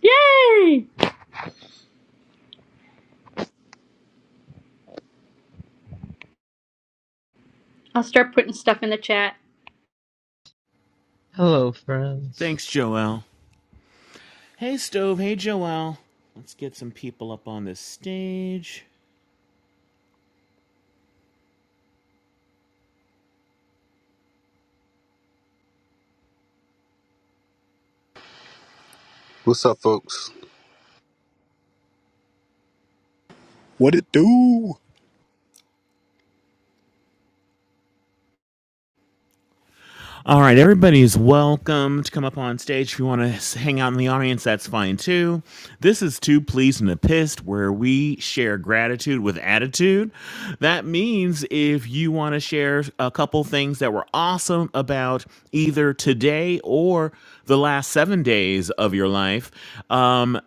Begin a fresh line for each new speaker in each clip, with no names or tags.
Yay! I'll start putting stuff in the chat.
Hello, friends.
Thanks, Joel. Hey, Stove. Hey, Joel. Let's get some people up on this stage.
What's up, folks?
What it do?
All right, everybody's welcome to come up on stage. If you want to hang out in the audience, that's fine too. This is too Pleased and a Pissed, where we share gratitude with attitude. That means if you want to share a couple things that were awesome about either today or the last seven days of your life, um,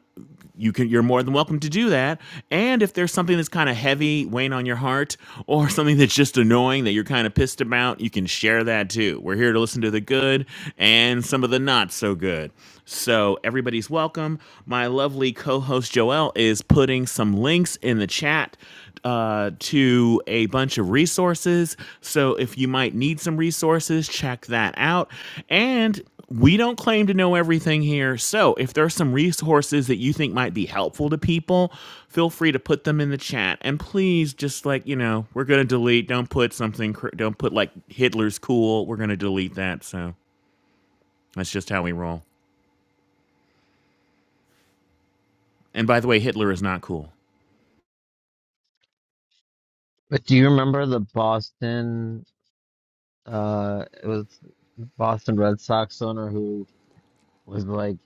you can you're more than welcome to do that. And if there's something that's kind of heavy weighing on your heart or something that's just annoying that you're kind of pissed about, you can share that too. We're here to listen to the good and some of the not so good. So everybody's welcome. My lovely co-host Joelle is putting some links in the chat uh, to a bunch of resources. So if you might need some resources, check that out. And we don't claim to know everything here. So if there's some resources that you think might be helpful to people, feel free to put them in the chat. And please, just like you know, we're gonna delete. Don't put something. cr- Don't put like Hitler's cool. We're gonna delete that. So that's just how we roll. And by the way, Hitler is not cool.
But do you remember the Boston? Uh, it was Boston Red Sox owner who was like,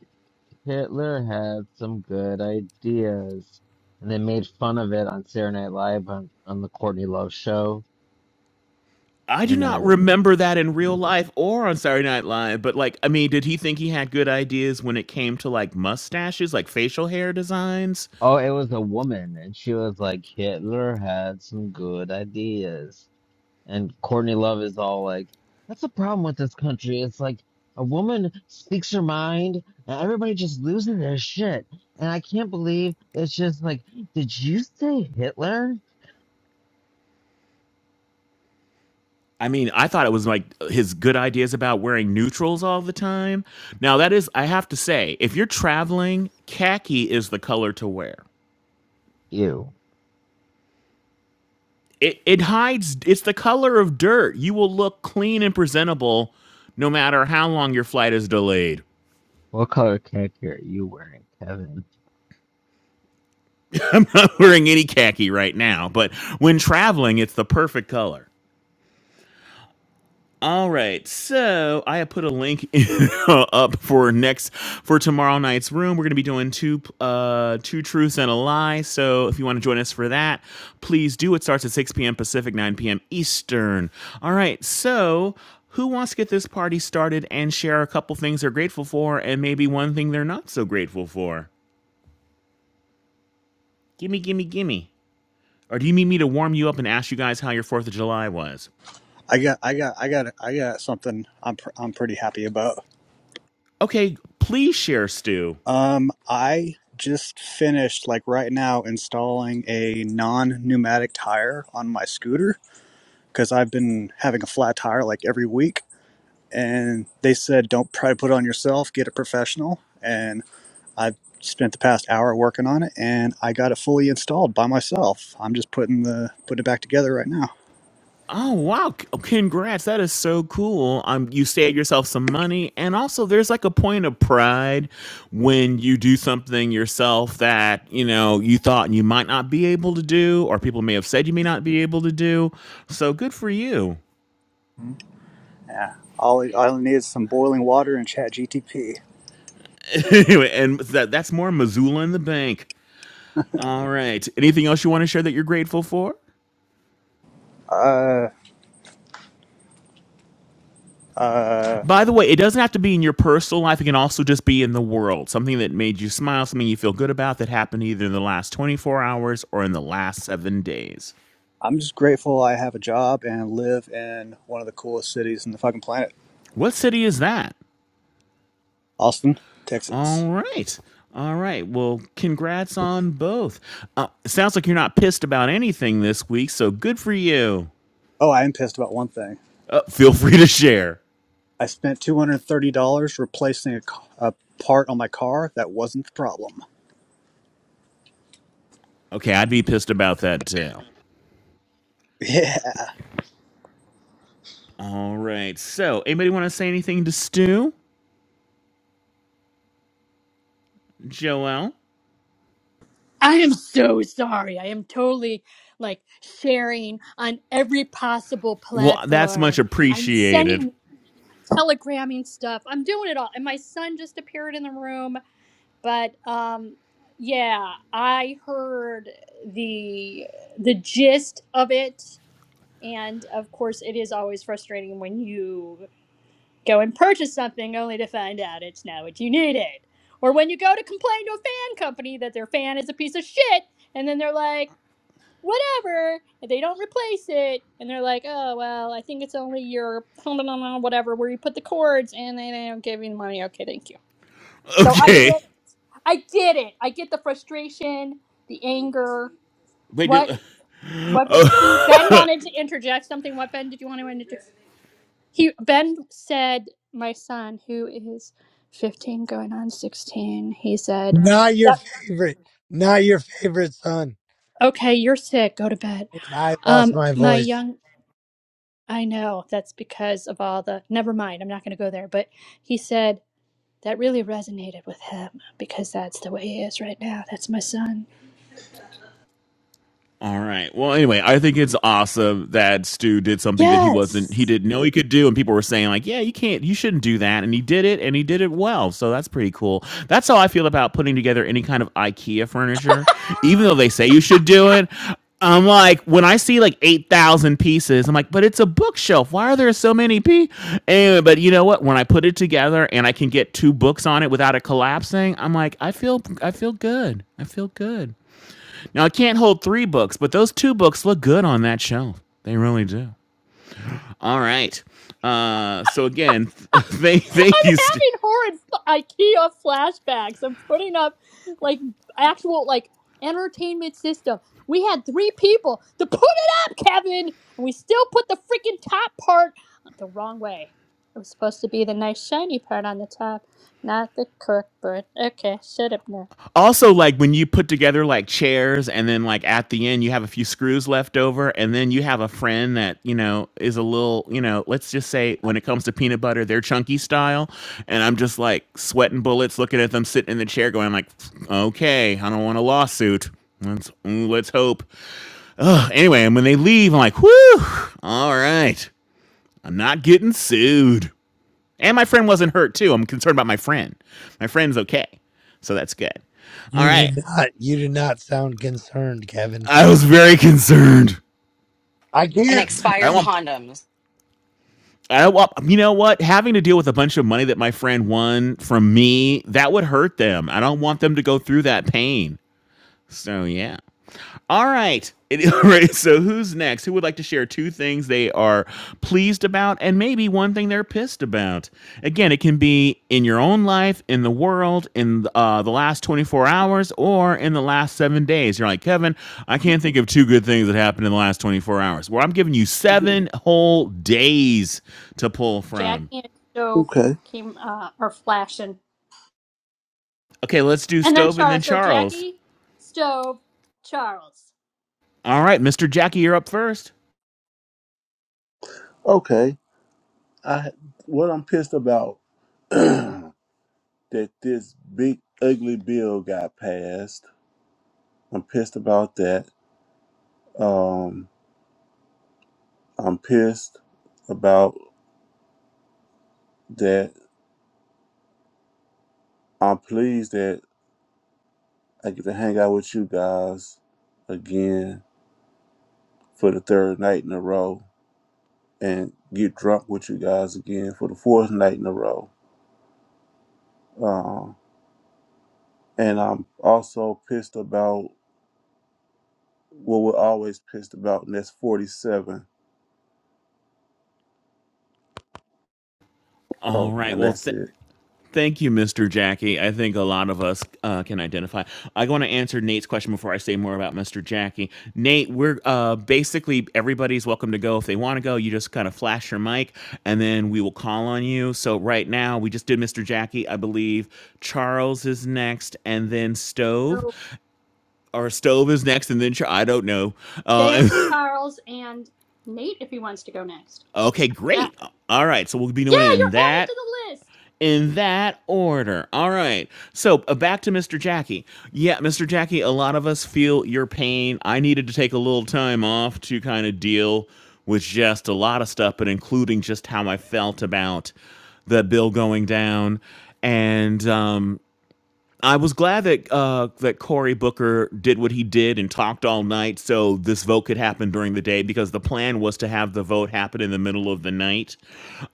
Hitler had some good ideas, and they made fun of it on Saturday Night Live on, on the Courtney Love show.
I do
And
not
uh,
remember that in real life or on Saturday Night Live, but like, I mean, did he think he had good ideas when it came to like mustaches, like facial hair designs?
oh, it was a woman, and she was like, Hitler had some good ideas. And Courtney Love is all like, that's the problem with this country. It's like a woman speaks her mind and everybody just loses their shit. And I can't believe it's just like, did you say Hitler?
I mean, I thought it was like his good ideas about wearing neutrals all the time. Now, that is, I have to say, if you're traveling, khaki is the color to wear.
Ew.
It, it hides, it's the color of dirt. You will look clean and presentable no matter how long your flight is delayed.
What color khaki are you wearing, Kevin?
I'm not wearing any khaki right now, but when traveling, it's the perfect color. All right, so I have put a link up for next for tomorrow night's room. We're going to be doing two uh two truths and a lie. So if you want to join us for that, please do. It starts at six p.m. Pacific, nine p.m. Eastern. All right, so who wants to get this party started and share a couple things they're grateful for and maybe one thing they're not so grateful for? Gimme, gimme, gimme. Or do you need me to warm you up and ask you guys how your Fourth of July was?
I got, I got, I got, I got something I'm, pr- I'm pretty happy about.
Okay, please share, Stu.
Um, I just finished like right now installing a non-pneumatic tire on my scooter because I've been having a flat tire like every week, and they said don't try to put it on yourself, get a professional, and I've spent the past hour working on it, and I got it fully installed by myself. I'm just putting the putting it back together right now.
Oh wow! C- oh, Congrats, that is so cool. Um, you saved yourself some money, and also there's like a point of pride when you do something yourself that you know you thought you might not be able to do, or people may have said you may not be able to do. So good for you.
Yeah, all, I all I need is some boiling water and chat GTP.
anyway, and that that's more Missoula in the bank. All right. Anything else you want to share that you're grateful for?
Uh, uh,
By the way, it doesn't have to be in your personal life. It can also just be in the world. Something that made you smile, something you feel good about that happened either in the last 24 hours or in the last seven days.
I'm just grateful I have a job and live in one of the coolest cities in the fucking planet,
What city is that?
Austin,
All
Texas.
right. All right. Well, congrats on both. Uh, it sounds like you're not pissed about anything this week, so good for you.
Oh, I am pissed about one thing.
Uh, feel free to share.
I spent $230 replacing a, ca- a part on my car that wasn't the problem.
Okay, I'd be pissed about that too.
Yeah.
All right. So, anybody want to say anything to Stu? Joel?
I am so sorry. I am totally like sharing on every possible
Well, that's much
platform. I'm
appreciated.
sending, telegramming stuff. I'm doing it all. And my son just appeared in the room. But um, yeah, I heard the the gist of it, and of course, it is always frustrating when you Go and purchase something only to find out it's not what you needed. Or when you go to complain to a fan company that their fan is a piece of shit, and then they're like, whatever, and they don't replace it, and they're like, oh, well, I think it's only your whatever, where you put the cords, and they they don't give you the money. Okay, thank you. So I
Okay.
get it. I get it. I get the frustration, the anger.
Wait,
What,
did,
what, Ben wanted to interject something. What, Ben, did you want to interject? He Ben said, my son, who is 15 going on 16, he said,
Not your
"Yep,
favorite. Not your favorite son.
okay, you're sick, go to bed.
I lost
Um,
my
my
voice.
young, I know that's because of all the, never mind, I'm not going to go there, but he said that really resonated with him because that's the way he is right now. That's my son.
All right. Well, anyway, I think it's awesome that Stu did something that he wasn't, he
Yes.
didn't know he could do. And people were saying, like, yeah, you can't, you shouldn't do that. And he did it and he did it well. So that's pretty cool. That's how I feel about putting together any kind of IKEA furniture. Even though they say you should do it, I'm like, when I see like 8,000 pieces, I'm like, but it's a bookshelf. Why are there so many p? Anyway, but you know what? When I put it together and I can get two books on it without it collapsing, I'm like, I feel, I feel good. I feel good. Now I can't hold three books, but those two books look good on that shelf. They really do. All right. Uh, so again, they they
I'm
used to.
having horrid IKEA flashbacks. I'm putting up like actual like entertainment system. We had three people to put it up, Kevin, and we still put the freaking top part the wrong way. It was supposed to be the nice shiny part on the top, not the cork part. Okay, shut up now.
also like when you put together like chairs and then like at the end you have a few screws left over and then you have a friend that you know is a little you know let's just say when it comes to peanut butter they're chunky style and i'm just like sweating bullets looking at them sitting in the chair going like okay i don't want a lawsuit let's mm, let's hope Ugh, anyway, and when they leave, I'm like, whew, all right, I'm not getting sued. And my friend wasn't hurt too. I'm concerned about my friend. My friend's okay, so that's good. All
You
right,
did not. You did not sound concerned, Kevin.
I was very concerned.
I
and
can't
I
expired
want.
speak.
condoms.
I want, you know what? Having to deal with a bunch of money that my friend won from me, that would hurt them. I don't want them to go through that pain. So, yeah. All right. It- all right. So who's next? Who would like to share two things they are pleased about and maybe one thing they're pissed about? Again, it can be in your own life, in the world, in uh, the last 24 hours, or in the last seven days. You're like, Kevin, I can't think of two good things that happened in the last 24 hours. Well, I'm giving you seven whole days to pull
Jackie
from.
and Stove
Okay,
came uh, are flashing,
Okay, let's do
and then
Stove and then
Charles. So
Charles.
Jackie, Stove, Charles.
All right, Mr. Jackie, you're up first.
okay. I what I'm pissed about that this big ugly bill got passed. I'm pissed about that. Um, I'm pissed about that. I'm pleased that I get to hang out with you guys again for the third night in a row and get drunk with you guys again for the fourth night in a row. Um, and I'm also pissed about what we're always pissed about, and that's 47
All
Oh,
right.
and
Well,
that's
th-
it.
Thank you, Mr. Jackie. I think a lot of us uh, can identify. I want to answer Nate's question before I say more about Mr. Jackie. Nate, we're uh, basically everybody's welcome to go if they want to go. You just kind of flash your mic, and then we will call on you. So right now, we just did Mr. Jackie, I believe. Charles is next, and then
So
Stove, or Stove is next, and then Char- I don't know. Uh,
Staves, Charles, and Nate if he wants to go next.
okay,
That-
great. All right, so we'll be doing it
yeah, you're
in
added
that
to the list.
in that order. All right. So uh, back to Mr. Jackie. Yeah, Mr. Jackie, a lot of us feel your pain. I needed to take a little time off to kind of deal with just a lot of stuff, but including just how I felt about the bill going down. And um, I was glad that uh, that Cory Booker did what he did and talked all night, so this vote could happen during the day because the plan was to have the vote happen in the middle of the night,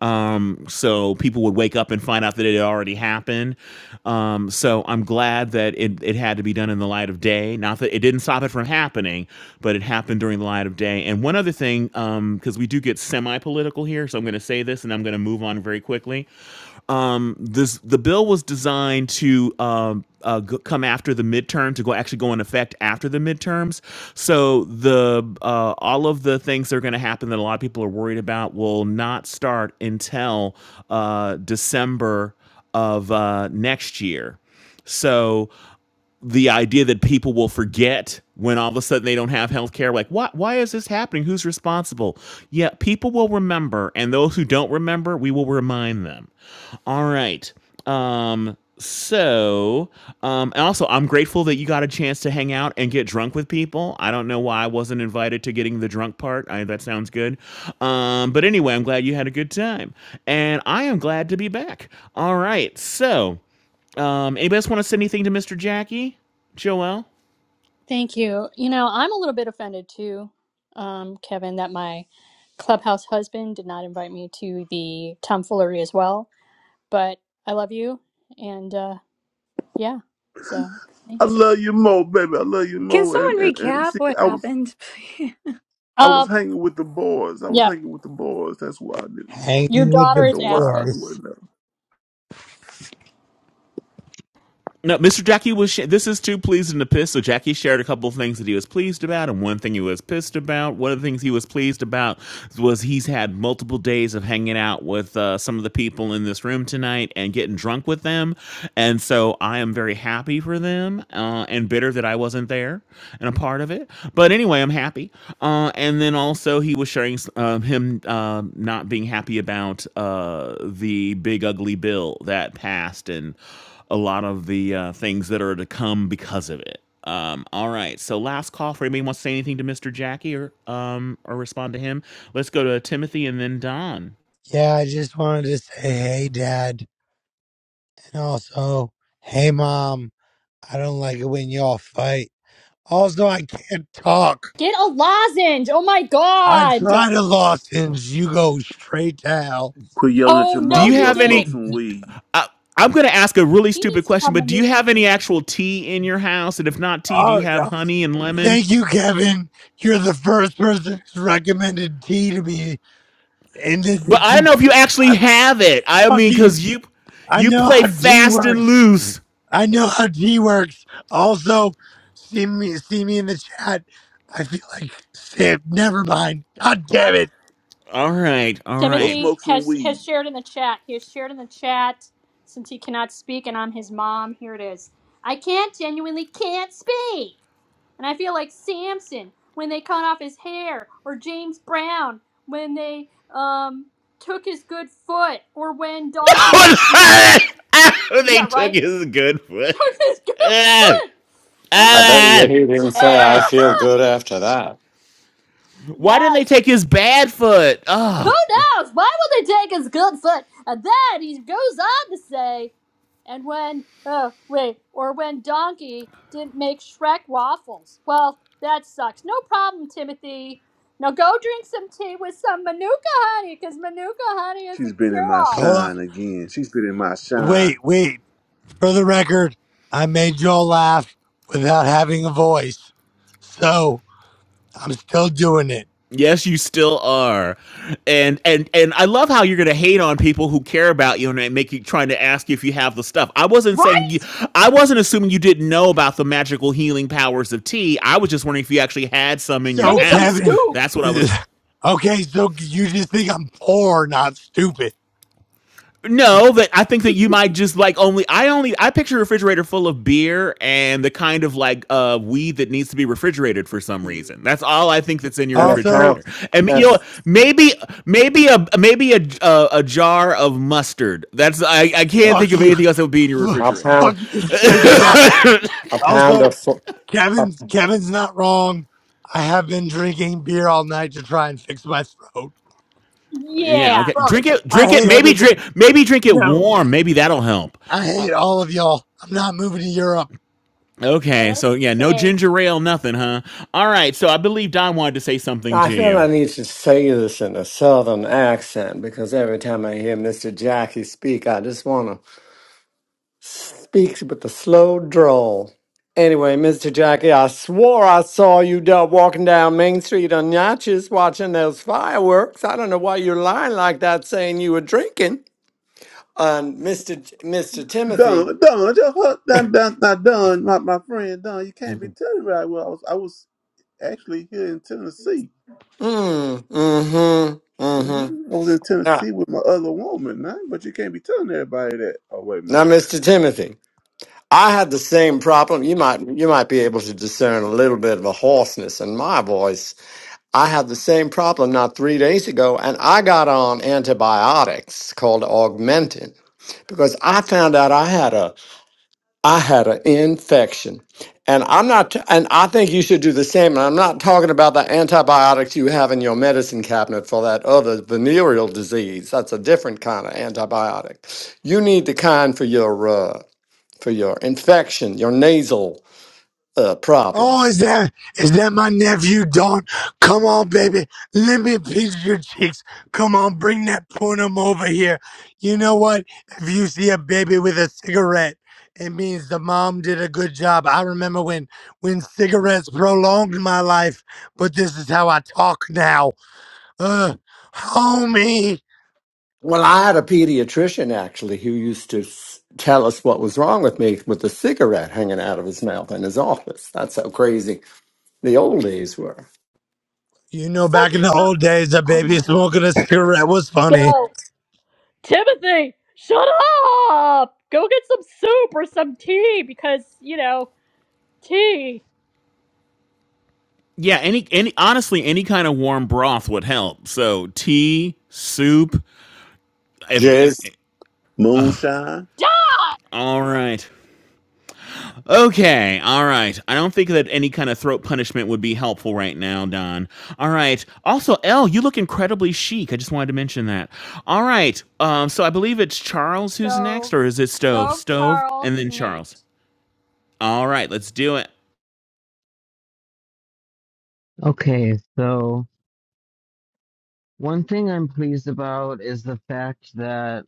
um, so people would wake up and find out that it had already happened. Um, so I'm glad that it it had to be done in the light of day. Not that it didn't stop it from happening, but it happened during the light of day. And one other thing, because we do get semi political here, so I'm going to say this and I'm going to move on very quickly um, this the bill was designed to um, uh, g- come after the midterm to go actually go in effect after the midterms. So the uh, all of the things that are going to happen that a lot of people are worried about will not start until uh, December of uh, next year. So the idea that people will forget when all of a sudden they don't have health care like what why is this happening who's responsible yeah people will remember and those who don't remember we will remind them all right um so um and also i'm grateful that you got a chance to hang out and get drunk with people i don't know why i wasn't invited to getting the drunk part I, that sounds good um but anyway i'm glad you had a good time and i am glad to be back all right so um, anybody else want to say anything to Mr. Jackie? Joelle?
Thank you. You know, I'm a little bit offended too, um, Kevin, that my clubhouse husband did not invite me to the tomfoolery as well. But I love you, and uh, yeah, so
I
thanks.
love you more, baby. I love you
Can
more. And,
someone
and and
recap
see,
what
I was
happened? please?
I
Uh,
was hanging with the boys. I was
yeah,
hanging with the boys. That's why I didn't, you know.
your
Hanging with
daughter
And
the
is
the
asking.
wives
force.
wasn't there.
No, Mr. Jackie was. Sh- this is too pleased and to piss. So Jackie shared a couple of things that he was pleased about, and one thing he was pissed about. One of the things he was pleased about was he's had multiple days of hanging out with uh, some of the people in this room tonight and getting drunk with them, and so I am very happy for them uh, and bitter that I wasn't there and a part of it. But anyway, I'm happy. Uh, and then also he was sharing um, him um, not being happy about uh, the big ugly bill that passed and a lot of the uh, things that are to come because of it. Um, all right, so last call for anybody wants to say anything to Mr. Jackie or um, or respond to him. Let's go to Timothy and then Don.
Yeah, I just wanted to say, hey, Dad, and also, hey, Mom. I don't like it when y'all fight. Also, I can't talk.
Get a lozenge. Oh my
I
god.
try to lozenge. You go straight to hell.
Quit yelling at
Oh
your
Do
no,
mom
you
and
you
go
have
smoke
didn't.
any?
some
He
weed.
I, I'm going to ask a really
he
stupid
needs to
question,
have
but do you
manuka
have any actual tea in your house? And if not tea, do you
Oh,
have
yeah.
honey and lemon?
Thank you, Kevin. You're the first person who's recommended tea to me And this
But
is
I don't
some
know if you actually have it. I mean,
fucking.
because you
I
you
know
play
how G
fast and
works.
loose.
I know how G works. Also, see me, see me in the chat. I feel like Sam. Never mind. God damn
honey.
it.
All right, all
Go
right.
Timothy
smoke some
has
weed.
has shared in the chat. He has shared in the chat since he cannot speak, and I'm his mom. Here it is. I can't genuinely can't speak, and I feel like Samson when they cut off his hair, or James Brown when they um took his good foot, or when Donkey beat
they
yeah
took
right
his good foot.
took his good foot, and
I bet
when
you he didn't say I feel good after that.
Why didn't
Yes.
they take his bad foot?
Who
Oh.
knows? Why will they take his good foot? And then he goes on to say, And when, oh, wait, or when Donkey didn't make Shrek waffles. Well, that sucks. No problem, Timothy. Now go drink some tea with some Manuka honey, because Manuka honey is
She's
a
been in
cure
my
all.
Hold on.
shine again. She's been in my shine.
Wait, wait. For the record, I made y'all laugh without having a voice, so I'm still doing it.
Yes, you still are. And and and I love how you're going to hate on people who care about you and make you trying to ask you if you have the stuff. I wasn't
Right?
saying you I wasn't assuming you didn't know about the magical healing powers of tea. I was just wondering if you actually had some in your
So
Maybe some
house.
Kevin,
soup.
That's what I was
okay. So you just think I'm poor, not stupid.
No, that I think that you might just like only I only I picture a refrigerator full of beer and the kind of like uh weed that needs to be refrigerated for some reason. That's all I think that's in your
And a
Also,
pound,
refrigerator. And you know
that's
maybe maybe a maybe a a, a jar of mustard. That's I I can't think
fuck
of
you.
anything else that would be in your
F-
a
refrigerator.
pound,
fucking straight to death.
a pound
Also,
of. fl- a-
Kevin's Kevin's not wrong. I have been drinking beer all night to try and fix my throat.
Yeah,
Yeah.
okay.
Fuck,
Drink it
I
drink it
hate
maybe
everything.
drink maybe drink it
No,
warm. Maybe that'll help.
I
Uh,
hate all of y'all. I'm not moving to Europe.
Okay, so yeah, no
Okay.
ginger ale, nothing, huh? All right, so I believe Don wanted to say something
I
to
feel
you.
I need to say this in a southern accent because every time I hear Mr. Jackie speak, I just want to speak with a slow drawl. Anyway, Mr. Jackie, I swore I saw you da- walking down Main Street on Natchez watching those fireworks. I don't know why you're lying like that, saying you were drinking. And Mr. J- Mr. Timothy.
Don, Don, just what? Don, Don, Don, Don, my, my friend Don. You can't be telling me right. Well, I was I was actually here in Tennessee.
Mm, mm-hmm. Mm-hmm.
hmm I was in
Now,
Tennessee with my other woman, man. But you can't be telling everybody that. Oh, wait a
now,
minute.
Mr. Timothy, I had the same problem. You might you might be able to discern a little bit of a hoarseness in my voice. I had the same problem not three days ago, and I got on antibiotics called Augmentin because I found out I had a I had an infection. And I'm not, and I think you should do the same. And I'm not talking about the antibiotics you have in your medicine cabinet for that other venereal disease. That's a different kind of antibiotic. You need the kind for your uh, for your infection, your nasal uh,
Oh,
problems.
is that is that my nephew Don? Come on, baby. Let me pinch your cheeks. Come on, bring that punum over here. You know what? If you see a baby with a cigarette, it means the mom did a good job. I remember when when cigarettes prolonged my life, but this is how I talk now. Ugh, homie.
Well, I had a pediatrician actually who used to s- tell us what was wrong with me with the cigarette hanging out of his mouth in his office. That's how crazy the old days were.
You know, back
Such
in the
a.
old days, a
Oh
baby
my god.
smoking a cigarette was funny.
No. Timothy, shut up! Go get some soup or some tea, because, you know, tea.
yeah, any any honestly, any kind of warm broth would help. So tea, soup. If
Jizz.
Moonshine.
Done!
all right, okay, all right. I don't think that any kind of throat punishment would be helpful right now, Don. All right. Also, Elle, you look incredibly chic. I just wanted to mention that. All right. Um. So I believe it's Charles who's next,
So,
or is it Stove?
Stove
Stove, and
Charles
then Charles.
Nate.
All right. Let's do it.
Okay, so one thing I'm pleased about is the fact that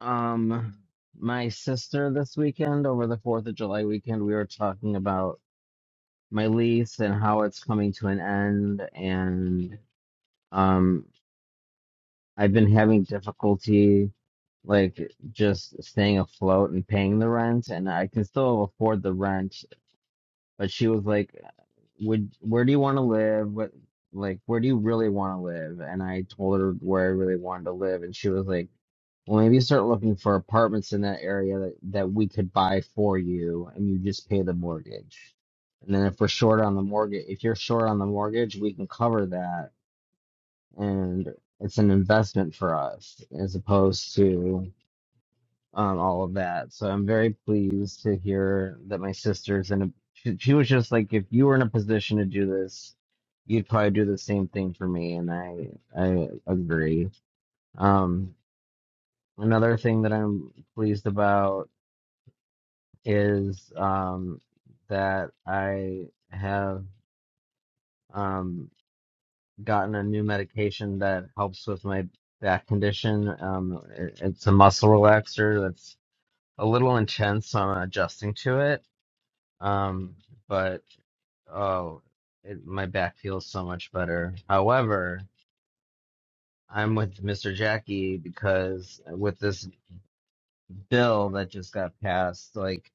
um my sister this weekend over the 4th of July weekend we were talking about my lease and how it's coming to an end and. Um, I've been having difficulty like just staying afloat and paying the rent, and I can still afford the rent. But she was like, "Would where do you want to live? What like where do you really want to live?" And I told her where I really wanted to live, and she was like, "Well, maybe start looking for apartments in that area that, that we could buy for you, and you just pay the mortgage." And then if we're short on the mortgage, if you're short on the mortgage, we can cover that and it's an investment for us as opposed to um, all of that. So I'm very pleased to hear that my sister's in a. She, she was just like, if you were in a position to do this, you'd probably do the same thing for me, and I I agree. Um, another thing that I'm pleased about is um, that I have. Um, gotten a new medication that helps with my back condition. Um, it, it's a muscle relaxer that's a little intense, so I'm adjusting to it. Um, but oh, it, my back feels so much better. However, I'm with Mr. Jackie because with this bill that just got passed, like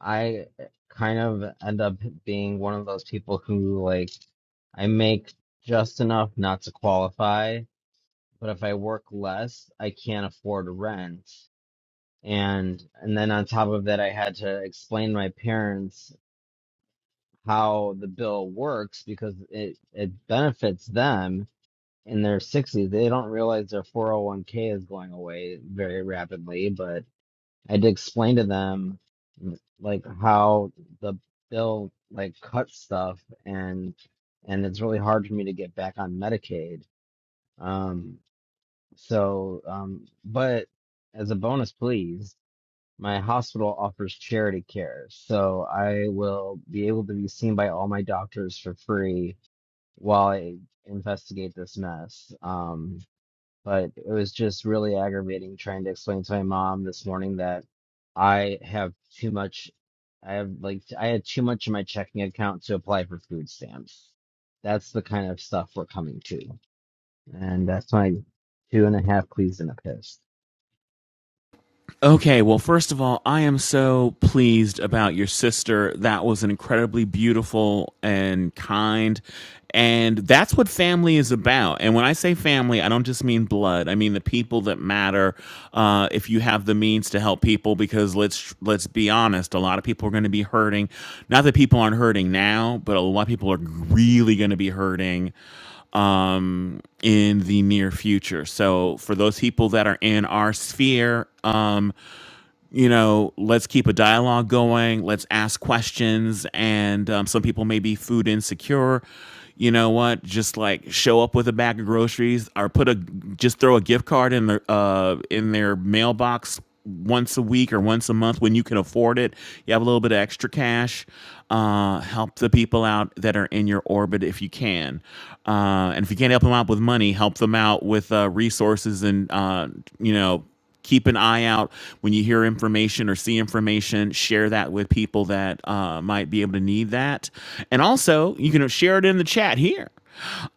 I kind of end up being one of those people who like I make just enough not to qualify but if I work less, I can't afford rent. And and then on top of that, I had to explain to my parents how the bill works because it it benefits them in their 60s. They don't realize their 401k is going away very rapidly, but I had to explain to them like how the bill like cuts stuff and and it's really hard for me to get back on Medicaid. Um, So, um, but as a bonus, please, my hospital offers charity care, so I will be able to be seen by all my doctors for free while I investigate this mess. Um, but it was just really aggravating trying to explain to my mom this morning that I have too much. I have like I had too much in my checking account to apply for food stamps. That's the kind of stuff we're coming to, and that's my two and a half pleas and a piss.
Okay, well, first of all, I am so pleased about your sister. That was an incredibly beautiful and kind. And that's what family is about. And when I say family, I don't just mean blood. I mean the people that matter. Uh, if you have the means to help people, because let's let's be honest, a lot of people are going to be hurting. Not that people aren't hurting now, but a lot of people are really going to be hurting um, in the near future. So for those people that are in our sphere, um, you know, let's keep a dialogue going. Let's ask questions. And um, some people may be food insecure. You know what? Just like show up with a bag of groceries, or put a just throw a gift card in their uh, in their mailbox once a week or once a month when you can afford it. You have a little bit of extra cash. Uh, help the people out that are in your orbit if you can. Uh, and if you can't help them out with money, help them out with uh, resources and uh, you know keep an eye out when you hear information or see information share that with people that uh, might be able to need that and also you can share it in the chat here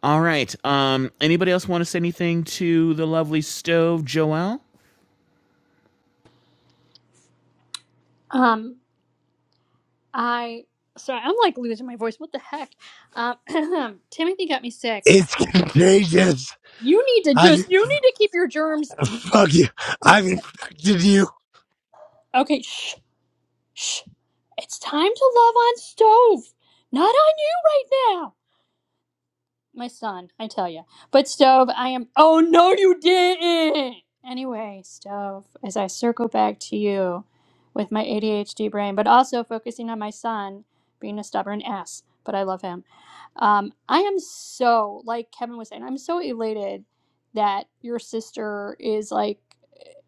all right um, anybody else want to say anything to the lovely stove joelle
Um, I sorry, I'm like losing my voice. What the heck? Um, Timothy got me sick.
It's contagious.
You need to
I
just you need to keep your germs
fuck you.
at
I've
bay.
infected you.
Okay, shh, shh. It's time to love on stove, not on you right now. My son, I tell you. But Stove, I am. Oh no, you didn't. Anyway, Stove, as I circle back to you with my ADHD brain, but also focusing on my son being a stubborn ass, but I love him. Um, I am so like Kevin was saying. I'm so elated that your sister is like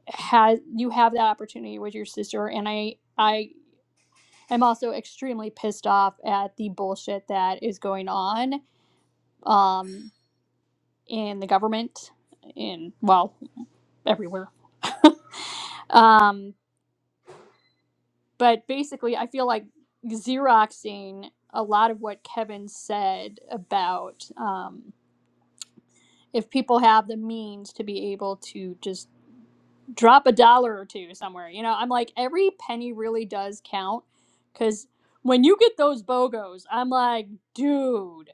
has you have that opportunity with your sister, and I I am also extremely pissed off at the bullshit that is going on. Um, in the government, in, well, everywhere. Um, but basically, I feel like Xeroxing a lot of what Kevin said about um, if people have the means to be able to just drop a dollar or two somewhere. You know, I'm like, every penny really does count because when you get those BOGOs, I'm like, dude.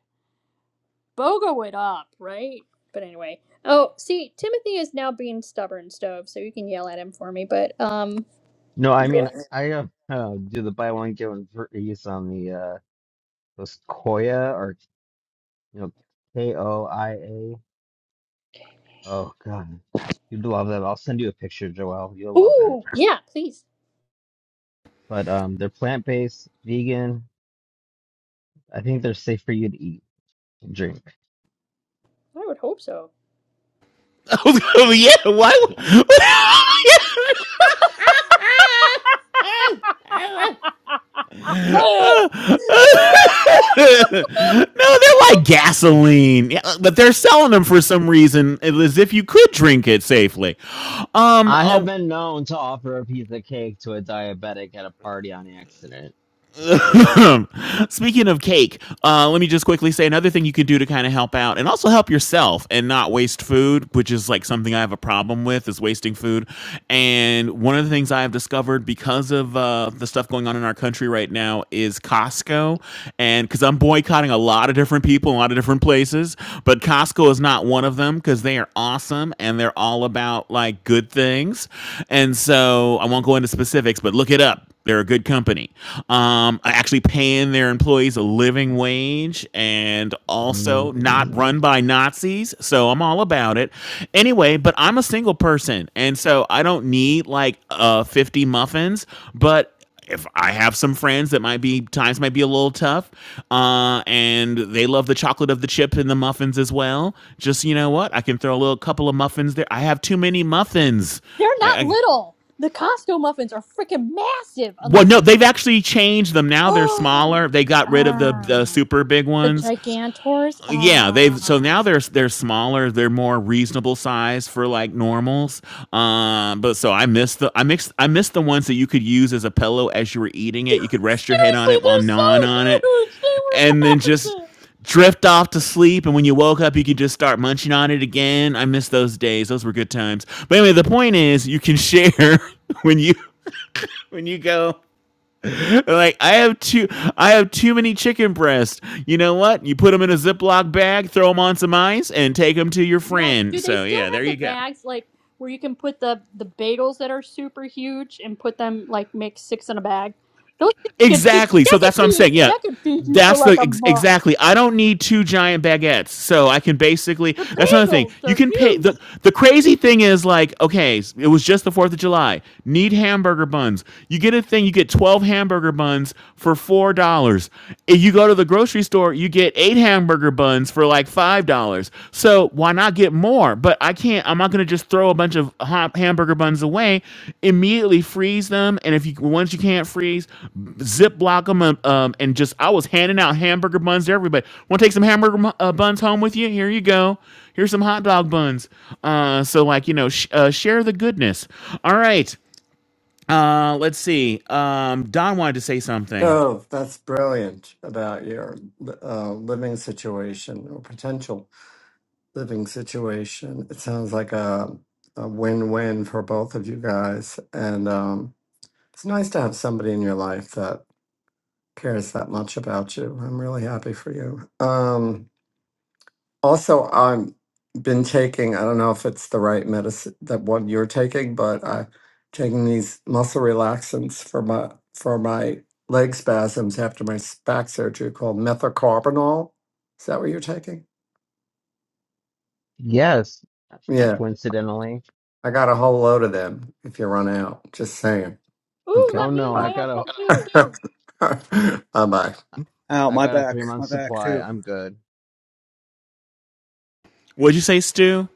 bogo it up, right? But anyway. Oh, see, Timothy is now being stubborn, Stove, so you can yell at him for me, but um
No, I mean I uh, uh, do the buy one get one free on the uh those Koya or you know K O I A. Oh God, you'd love them. I'll send you a picture, Joel. You'll love them.
Ooh, yeah, please.
But um, they're plant-based, vegan. I think they're safe for you to eat and drink.
I would hope so.
oh yeah, why?
Yeah.
would-
Uh,
no, they're like gasoline, Yeah, but they're selling them for some reason as if you could drink it safely. Um,
I have
uh,
been known to offer a piece of cake to a diabetic at a party on accident.
Speaking of cake, uh, let me just quickly say another thing you could do to kind of help out and also help yourself and not waste food, which is like something I have a problem with is wasting food. And one of the things I have discovered because of uh, the stuff going on in our country right now is Costco. And because I'm boycotting a lot of different people, a lot of different places, but Costco is not one of them because they are awesome and they're all about like good things. And so I won't go into specifics, but look it up. They're a good company. Um, actually paying their employees a living wage and
Mhm.
also not run by Nazis. So I'm all about it. Anyway, but I'm a single person. And so I don't need like uh, 50 muffins. But if I have some friends that might be times might be a little tough, uh, and they love the chocolate of the chip and the muffins as well. Just you know what, I can throw a little couple of muffins there. I have too many muffins.
They're
I,
not
I
little. The Costco muffins are freaking massive
well,
unless
no,
you
they've actually changed them. Now they're smaller. They got rid of the, the
Ah,
super big
the
ones.
gigantors.
Yeah,
Ah.
they've so now they're they're smaller. They're more reasonable size for like normals. Um, but so I miss the I mix I miss the ones that you could use as a pillow as you were eating it. You could
Seriously,
rest your head on it while
they're so
gnawing on it,
huge. They were
and then just
massive.
drift off to sleep and when you woke up you could just start munching on it again i miss those days those were good times but anyway the point is you can share when you when you go like I have too I have too many chicken breasts. You know what? You put them in a Ziploc bag, throw them on some ice, and take them to your
Yes.
friend.
Do they
So
still
yeah, there
have
you
the
go.
bags like where you can put the the bagels that are super huge and put them like make six in a bag? Those things could feed
Exactly. So
that could
that's what I'm
feed
saying. Yeah.
that could feed you for
That's
like
the
a
ex-
month.
exactly. I don't need two giant baguettes, so I can basically.
The
That's another thing.
bagels,
You
they're
can pay
huge.
the the crazy thing is like okay, it was just the Fourth of July. Need hamburger buns. You get a thing. You get twelve hamburger buns for four dollars. If you go to the grocery store, you get eight hamburger buns for like five dollars So why not get more? But I can't. I'm not going to just throw a bunch of ha- hamburger buns away. Immediately freeze them, and if you once you can't freeze, zip block them um, um, and just I was handing out hamburger buns to everybody. Want to take some hamburger mu- uh, buns home with you? Here you go. Here's some hot dog buns. Uh, so like you know, sh- uh, share the goodness. All right. Uh, let's see. Um, Don wanted to say something.
Oh, that's brilliant about your uh, living situation or potential living situation. It sounds like a, a win win for both of you guys. And um, it's nice to have somebody in your life that cares that much about you. I'm really happy for you. Um, also, I've been taking, I don't know if it's the right medicine that one you're taking, but I'm taking these muscle relaxants for my for my leg spasms after my s- back surgery called methocarbamol. Is that what you're taking?
Yes,
Yeah,
coincidentally.
I got a whole load of them if you run out. Just saying.
Ooh,
Okay.
Oh
let me
no,
know.
I
Bye.
I have
got a
some too.
Bye bye.
Ow,
I've
my
got a three
back. My
month
back,
supply.
too.
I'm good.
What'd you say, Stu?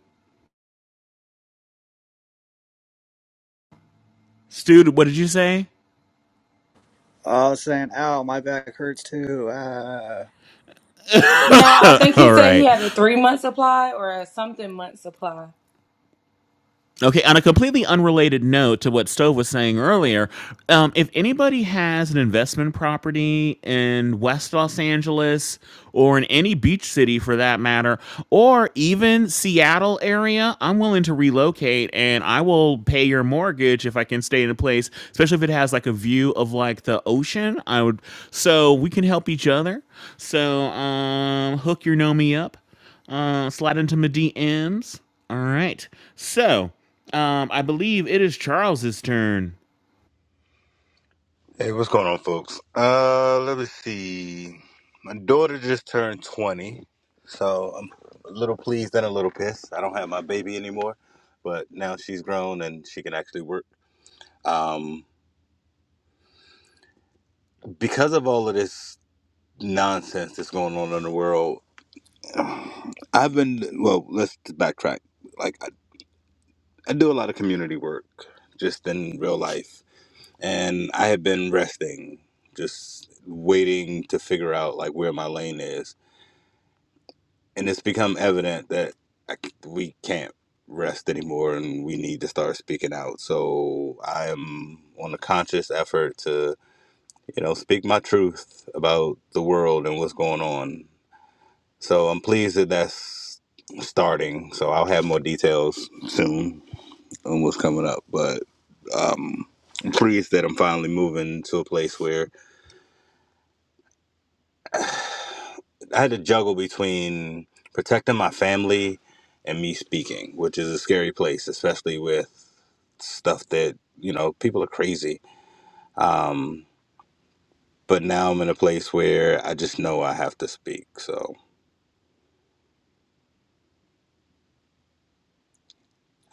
Stu, what did you say?
Oh, I was saying, ow, my back hurts, too. Ah.
No, I think he
All
said he
right.
had a three month supply or a something month supply.
Okay, on a completely unrelated note to what Stove was saying earlier, um, if anybody has an investment property in West Los Angeles or in any beach city for that matter, or even Seattle area, I'm willing to relocate and I will pay your mortgage if I can stay in a place, especially if it has like a view of like the ocean. I would, so we can help each other. So um, hook your know me up. Uh, slide into my DMs. All right. So, um, I believe it is Charles's turn.
Hey, what's going on, folks? Uh, let me see. My daughter just turned 20, so I'm a little pleased and a little pissed. I don't have my baby anymore, but now she's grown and she can actually work. Um, because of all of this nonsense that's going on in the world, I've been, well, let's backtrack. Like, I, I do a lot of community work just in real life, and I have been resting, just waiting to figure out, like, where my lane is and it's become evident that I c we can't rest anymore and we need to start speaking out so i am on a conscious effort to you know speak my truth about the world and what's going on so i'm pleased that that's starting so i'll have more details soon on what's coming up but um i'm pleased that i'm finally moving to a place where I had to juggle between protecting my family and me speaking, which is a scary place, especially with stuff that, you know, people are crazy. Um, but now I'm in a place where I just know I have to speak. So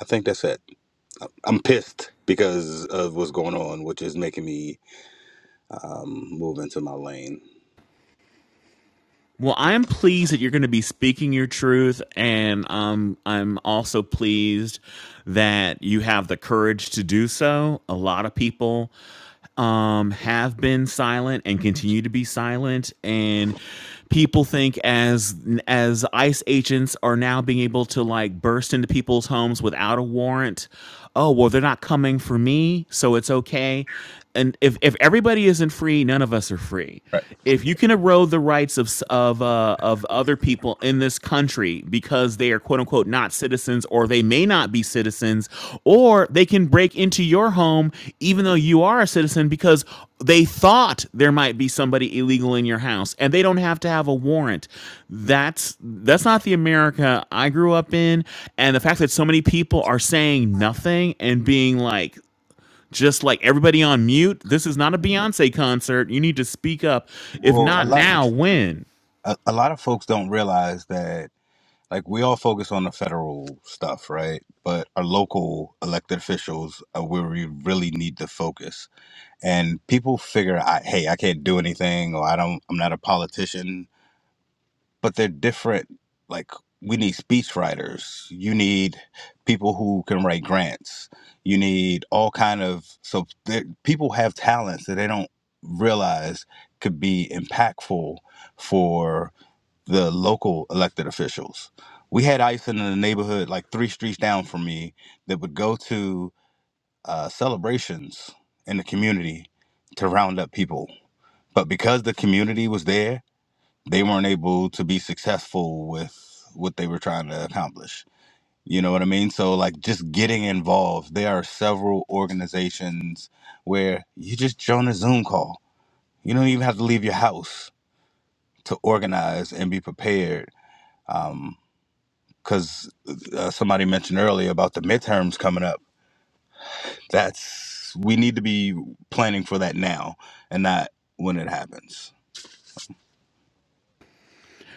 I think that's it. I'm pissed because of what's going on, which is making me um, move into my lane.
Well, I'm pleased that you're going to be speaking your truth, and um, I'm also pleased that you have the courage to do so. A lot of people um, have been silent and continue to be silent, and people think as as ICE agents are now being able to like burst into people's homes without a warrant. oh well they're not coming for me so it's okay and if, if everybody isn't free none of us are free if you can erode the rights of s- of uh, of other people in this country because they are quote unquote not citizens or they may not be citizens or they can break into your home even though you are a citizen because they thought there might be somebody illegal in your house and they don't have to have a warrant that's that's not the america i grew up in and the fact that so many people are saying nothing and being like just like everybody on mute this is not a beyonce concert you need to speak up if
Well, a
not
lot
now when
a, a lot of folks don't realize that like we all focus on the federal stuff, right? But our local elected officials are where we really need to focus. And people figure, I, hey, I can't do anything, or I don't, I'm not a politician. But they're different. Like we need speech writers. You need people who can write grants. You need all kind of so there- people have talents that they don't realize could be impactful for the local elected officials. We had ICE in the neighborhood, like three streets down from me, that would go to uh, celebrations in the community to round up people. But because the community was there, they weren't able to be successful with what they were trying to accomplish. You know what I mean? So, like, just getting involved. There are several organizations where you just join a Zoom call. You don't even have to leave your house to organize and be prepared. um, because uh, somebody mentioned earlier about the midterms coming up. That's we need to be planning for that now and not when it happens.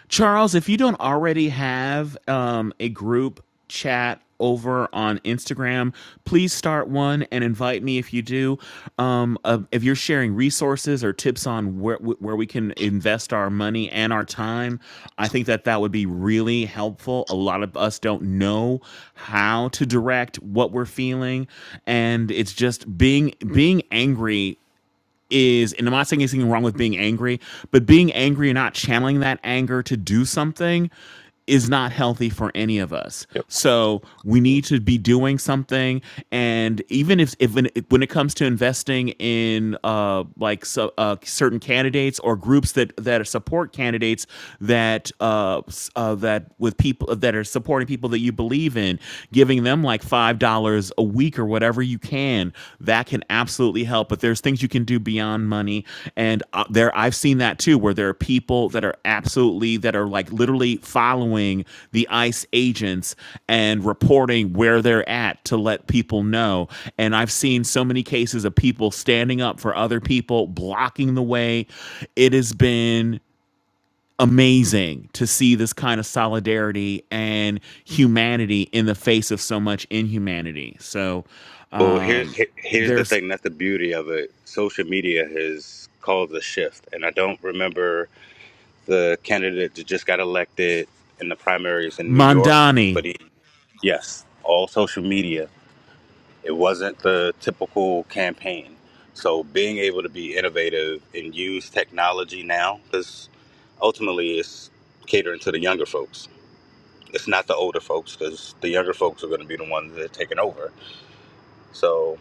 Charles, if you don't already have um, a group chat over on Instagram, please start one and invite me if you do. Um, uh, if you're sharing resources or tips on where where we can invest our money and our time, I think that that would be really helpful. A lot of us don't know how to direct what we're feeling, and it's just being being angry is, and I'm not saying anything wrong with being angry, but being angry and not channeling that anger to do something is not healthy for any of us.
Yep.
So we need to be doing something. And even if, if when, it, when it comes to investing in uh, like so, uh, certain candidates or groups that that support candidates that uh, s- uh, that with people that are supporting people that you believe in, giving them like $5 a week or whatever you can, that can absolutely help. But there's things you can do beyond money. And uh, there, I've seen that too, where there are people that are absolutely, that are like literally following the ICE agents and reporting where they're at to let people know. And I've seen so many cases of people standing up for other people, blocking the way. It has been amazing to see this kind of solidarity and humanity in the face of so much inhumanity. So
Well, here's
um,
he- here's the
there's
thing. That's the beauty of it. Social media has caused a shift, and I don't remember the candidate that just got elected in the primaries in New York,
Mandani.
but he, yes, all social media It wasn't the typical campaign. So being able to be innovative and use technology now, because ultimately it's catering to the younger folks. It's not the older folks, because the younger folks are going to be the ones that are taking over. So,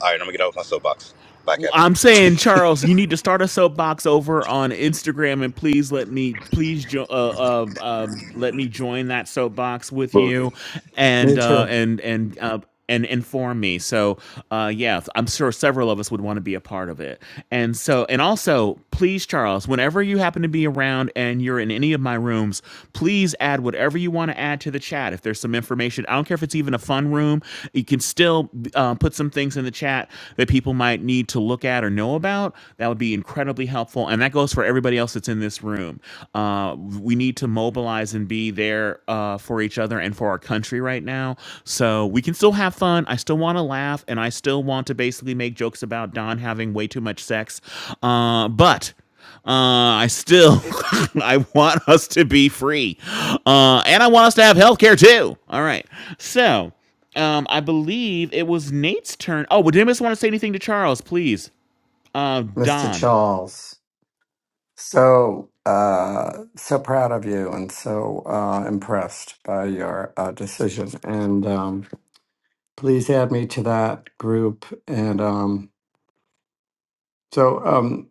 all right, I'm going to get off my soapbox. Bye,
W-
Kevin.
I'm saying, Charles, you need to start a soapbox over on Instagram, and please let me, please jo- uh, uh, uh, let me join that soapbox with
Well,
you,
Me
and uh,
too.
and and uh, and inform me. So, uh, yeah, I'm sure several of us would want to be a part of it. And so, and also, please, Charles, whenever you happen to be around and you're in any of my rooms, please add whatever you want to add to the chat. If there's some information, I don't care if it's even a fun room, you can still uh, put some things in the chat that people might need to look at or know about. That would be incredibly helpful. And that goes for everybody else that's in this room. Uh, we need to mobilize and be there uh, for each other and for our country right now. So we can still have fun. I still want to laugh and I still want to basically make jokes about Don having way too much sex. Uh, but. Uh, I still, I want us to be free, uh, and I want us to have healthcare too. All right. So, um, I believe it was Nate's turn. Oh, would anyone want to say anything to Charles, please? Uh,
Mr.
Don.
Charles. So, uh, so proud of you and so uh, impressed by your uh, decision. And um, please add me to that group. And um, so, um,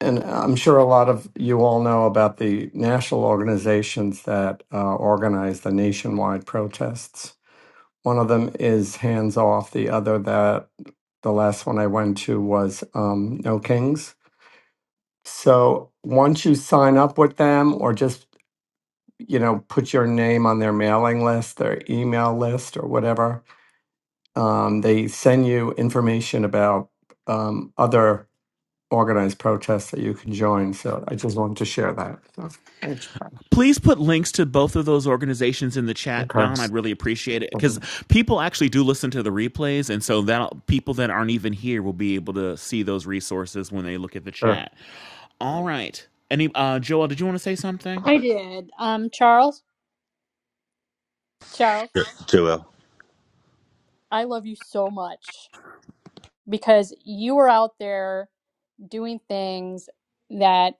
and I'm sure a lot of you all know about the national organizations that uh, organize the nationwide protests. One of them is Hands Off, the other that the last one I went to was um, No Kings. So once you sign up with them or just you know, put your name on their mailing list, their email list, or whatever. Um, they send you information about um, other organized protests that you can join. So I just wanted to share that. So.
Please put links to both of those organizations in the chat, Don. I'd really appreciate it because people actually do listen to the replays, and so that people that aren't even here will be able to see those resources when they look at the
Sure.
chat. All right. Any uh, Joel, did you want to say something?
I did. Um, Charles, Charles,
yeah, Joel.
I love you so much because you were out there doing things that.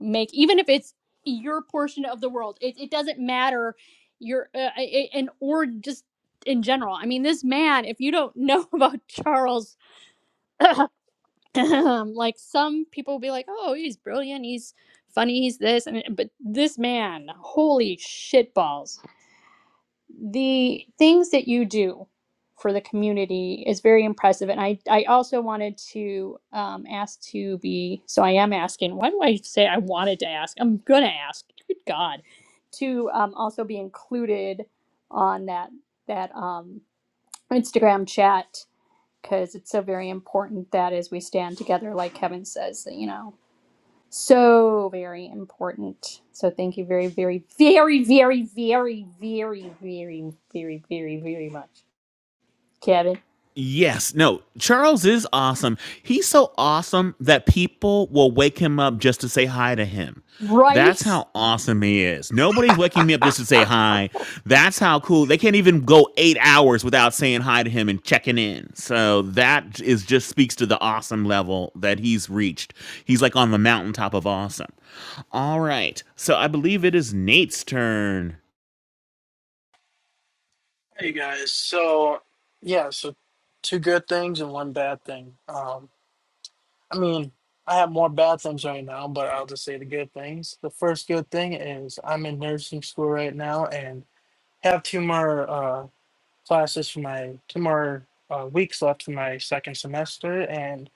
make even if it's your portion of the world it, it doesn't matter your uh, I- and or just in general i mean this man if you don't know about charles like some people will be like oh he's brilliant he's funny he's this and but this man holy shitballs the things that you do for the community is very impressive. And I, I also wanted to um, ask to be, so I am asking, why do I say I wanted to ask? I'm going to ask, good God, to um, also be included on that, that um, Instagram chat because it's so very important that as we stand together, like Kevin says, that, you know, so very important. So thank you very, very, very, very, very, very, very, very, very, very much, Kevin.
Yes. No, Charles is awesome. He's so awesome that people will wake him up just to say hi to him. That's
Right?
how awesome he is. Nobody's waking me up just to say hi. That's how cool. They can't even go eight hours without saying hi to him and checking in. So that is just speaks to the awesome level that he's reached. He's like on the mountaintop of awesome. All right. So I believe it is Nate's turn.
Hey guys, so yeah, so two good things and one bad thing. Um, I mean, I have more bad things right now, but I'll just say the good things. The first good thing is I'm in nursing school right now and have two more uh, classes for my two more uh, weeks left for my second semester. And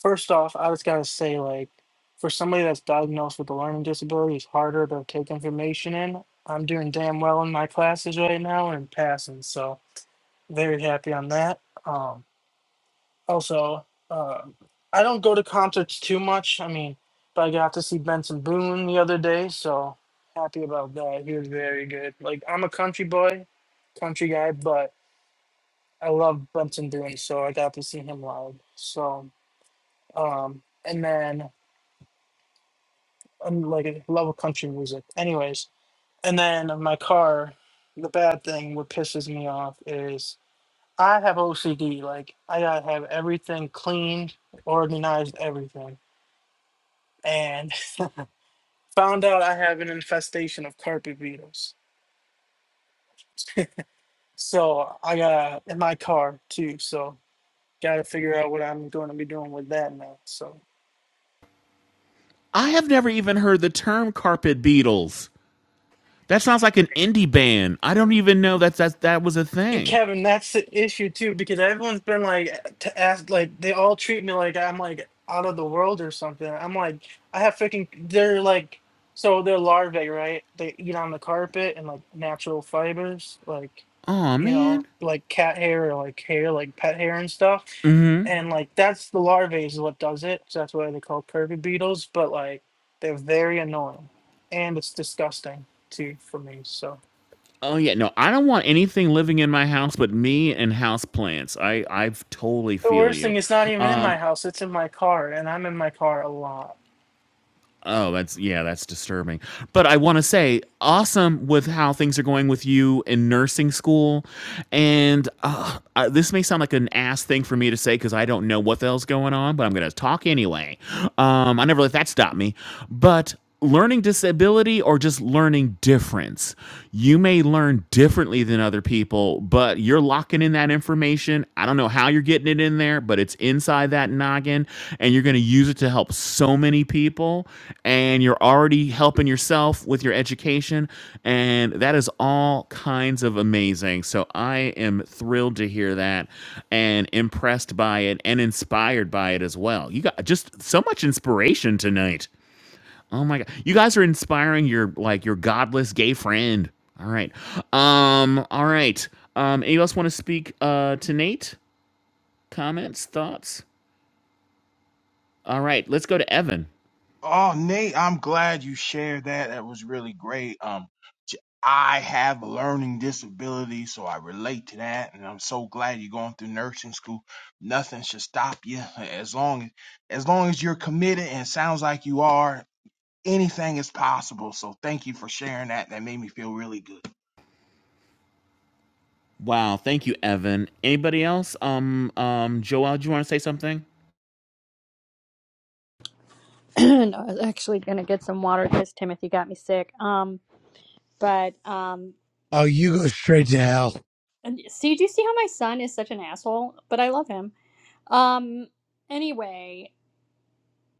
first off, I just gotta say, like, for somebody that's diagnosed with a learning disability, it's harder to take information in. I'm doing damn well in my classes right now and passing, so very happy on that. Um, also, uh, I don't go to concerts too much. I mean, but I got to see Benson Boone the other day, so happy about that. He was very good. Like I'm a country boy, country guy, but I love Benson Boone, so I got to see him live. So, um, and then I'm like I love country music, anyways. And then my car, the bad thing, what pisses me off is I have OCD. Like I gotta have everything clean, organized, everything. And found out I have an infestation of carpet beetles. So I got to in my car too. So gotta figure out what I'm going to be doing with that now. So
I have never even heard the term carpet beetles. That sounds like an indie band. I don't even know that that that was a
And
thing.
Kevin, that's the issue too, because everyone's been like eh, to ask, like they all treat me like I'm like out of the world or something. I'm like, I have freaking. They're like, so they're larvae, right? They eat on the carpet and like natural fibers, like,
Oh
you know,
man.
like cat hair or like hair, like pet hair and stuff. And like that's the larvae is what does it. So that's why they call curvy beetles. But like, they're very annoying, and it's disgusting too for me. So.
Oh yeah. No, I don't want anything living in my house but me and house plants. I I totally
The
feel
worst thing
you.
is not even in my
Um.
house, it's in my car, and I'm in my car a lot.
Oh, that's yeah, that's disturbing. But I want to say, awesome with how things are going with you in nursing school, and uh, uh, this may sound like an ass thing for me to say because I don't know what the hell's going on, but I'm gonna talk anyway. Um, I never let that stop me. But learning disability or just learning difference. You may learn differently than other people, but you're locking in that information. I don't know how you're getting it in there, but it's inside that noggin and you're going to use it to help so many people and you're already helping yourself with your education and that is all kinds of amazing. So I am thrilled to hear that and impressed by it and inspired by it as well. You got just so much inspiration tonight. Oh my god. You guys are inspiring your like your godless gay friend. All right. Um all right. Um anybody else want to speak uh to Nate? Comments, thoughts? All right, let's go to Evan.
Oh, Nate, I'm glad you shared that. That was really great. Um, j- I have a learning disability, so I relate to that, and I'm so glad you're going through nursing school. Nothing should stop you as long as long as you're committed, and it sounds like you are. Anything is possible. So thank you for sharing that. That made me feel really good.
Wow, thank you Evan. Anybody else? Um um Joel, do you want to say something?
and I was actually gonna get some water because Timothy got me sick. Um, but um,
Oh, you go straight to hell.
and see, do you see how my son is such an asshole? But I love him. Um, anyway,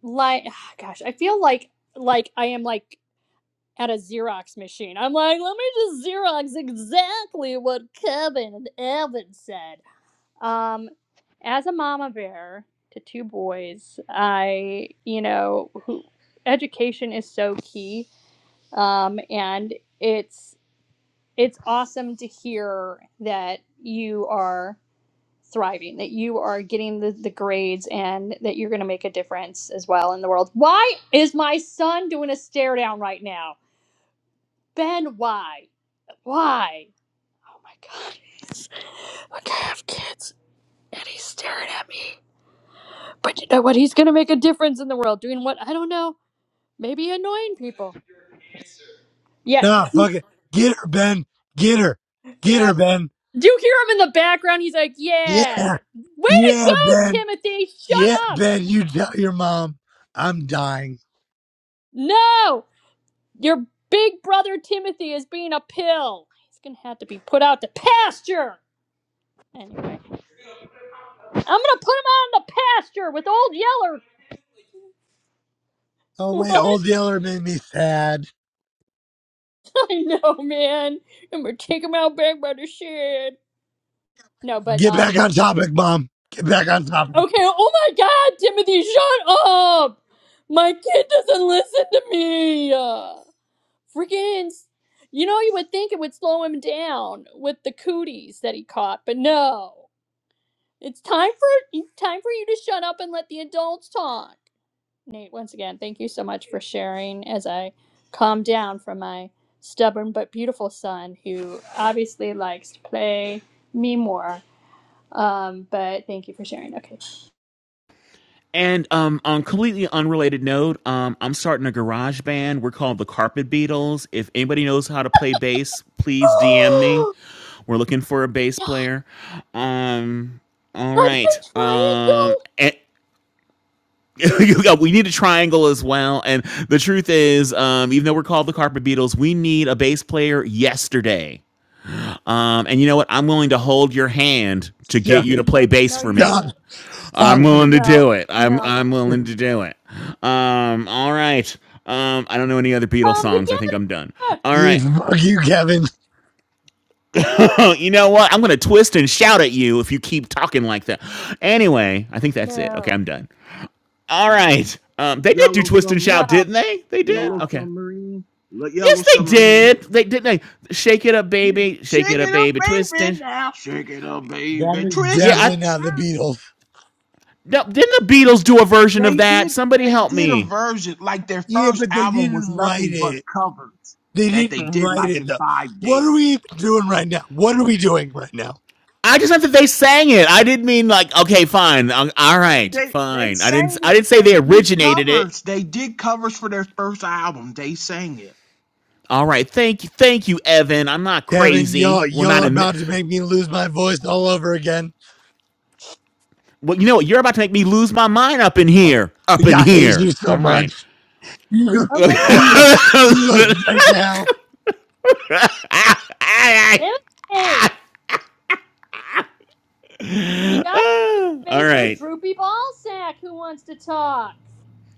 like, gosh, I feel like like I am like at a Xerox machine. I'm like, let me just Xerox exactly what Kevin and Evan said. Um, as a mama bear to two boys, I, you know, who, education is so key. Um, and it's it's awesome to hear that you are thriving, that you are getting the, the grades and that you're gonna make a difference as well in the world. Why is my son doing a stare down right now? Ben, why? Why? Oh my god. Like I have kids and he's staring at me But you know what? He's gonna make a difference in the world. Doing what? I don't know. Maybe annoying people. Yeah.
Nah, fuck it. Get her, Ben. Get her. Get her, Ben.
Do you hear him in the background? He's like,
Yeah.
"Yeah, way to
Yeah,
go,
Ben.
Timothy! Shut
Yeah,
up!
Ben. You tell your mom I'm dying.
No, your big brother Timothy is being a pill. He's gonna have to be put out to pasture." Anyway, I'm gonna put him out in the pasture with old Yeller.
Oh, wait.
What?
Old Yeller made me sad.
I know, man. I'm gonna take him out back by the shed. No, but
Get back
um,
on topic, mom. Get back on topic.
Okay, oh my god, Timothy, shut up! My kid doesn't listen to me! Uh, Freaking. You know, you would think it would slow him down with the cooties that he caught, but no. It's time for it's time for you to shut up and let the adults talk. Nate, once again, thank you so much for sharing as I calm down from my stubborn but beautiful son who obviously likes to play me more. Um, but thank you for sharing. Okay.
And um, on a completely unrelated note, um, I'm starting a garage band. We're called the Carpet Beatles. If anybody knows how to play bass, please DM me. We're looking for a bass
Did
player. Um, all
I
right.
play
Um,
triangle?
and we need a triangle as well. And the truth is, um, even though we're called the Carpet Beatles, we need a bass player yesterday. Um, and you know what? I'm willing to hold your hand to get
Stop.
you to play
No,
bass
no,
for
you
me.
Stop.
didn't.
I'm
Stop.
willing to
No,
do it. I'm
no,
I'm willing to do it. Um, all right. Um, I don't know any other Beatles
Come
songs. I think I'm done.
together.
All
You,
right.
fuck you, Kevin.
Oh, you know what? I'm gonna twist and shout at you if you keep talking like that. Anyway, I think that's it. Okay,
no,
I'm done. All right. Um, they did do
Yellow
twist and
submarine,
shout,
no,
didn't they? They did.
yellow
no.
Okay.
submarine, le- yellow
Yes, they
submarine.
did. They didn't. They shake it up, baby. Shake
Shake
it up,
it
baby.
up,
Twist
baby,
and
now. Shake it up,
That
baby.
is
Twist
yeah.
and
I
definitely not the Beatles.
no. Didn't the Beatles do a version of
They
that?
did
Somebody
they
help
did a
me.
version like their
Yeah,
first
but they
album was
didn't write
nothing but
it.
covers
They
that they
didn't
did
write
like
it,
in
though.
five
What are we
days.
even doing right now? What are we doing right now?
I just meant that they sang it. I didn't mean like okay, fine, um, all right,
They they
fine. I didn't.
sang
I
it.
didn't say
They
they
did
originated it.
covers. They did covers for their first album. They sang it.
All right, thank you, thank you, Evan. I'm not
Kevin,
crazy.
y'all,
Well,
y'all
not
are
in. Th-
about to make me lose my voice all over again.
well, you know what? You're about to make me lose my mind up in here. Up in
Yeah, I hate
here.
you so
All right.
much. You go,
Oh my
you go, you go
all
right now.
right.
god. Timothy, you got to
All
space for
right.
Droopy Ballsack who wants to talk.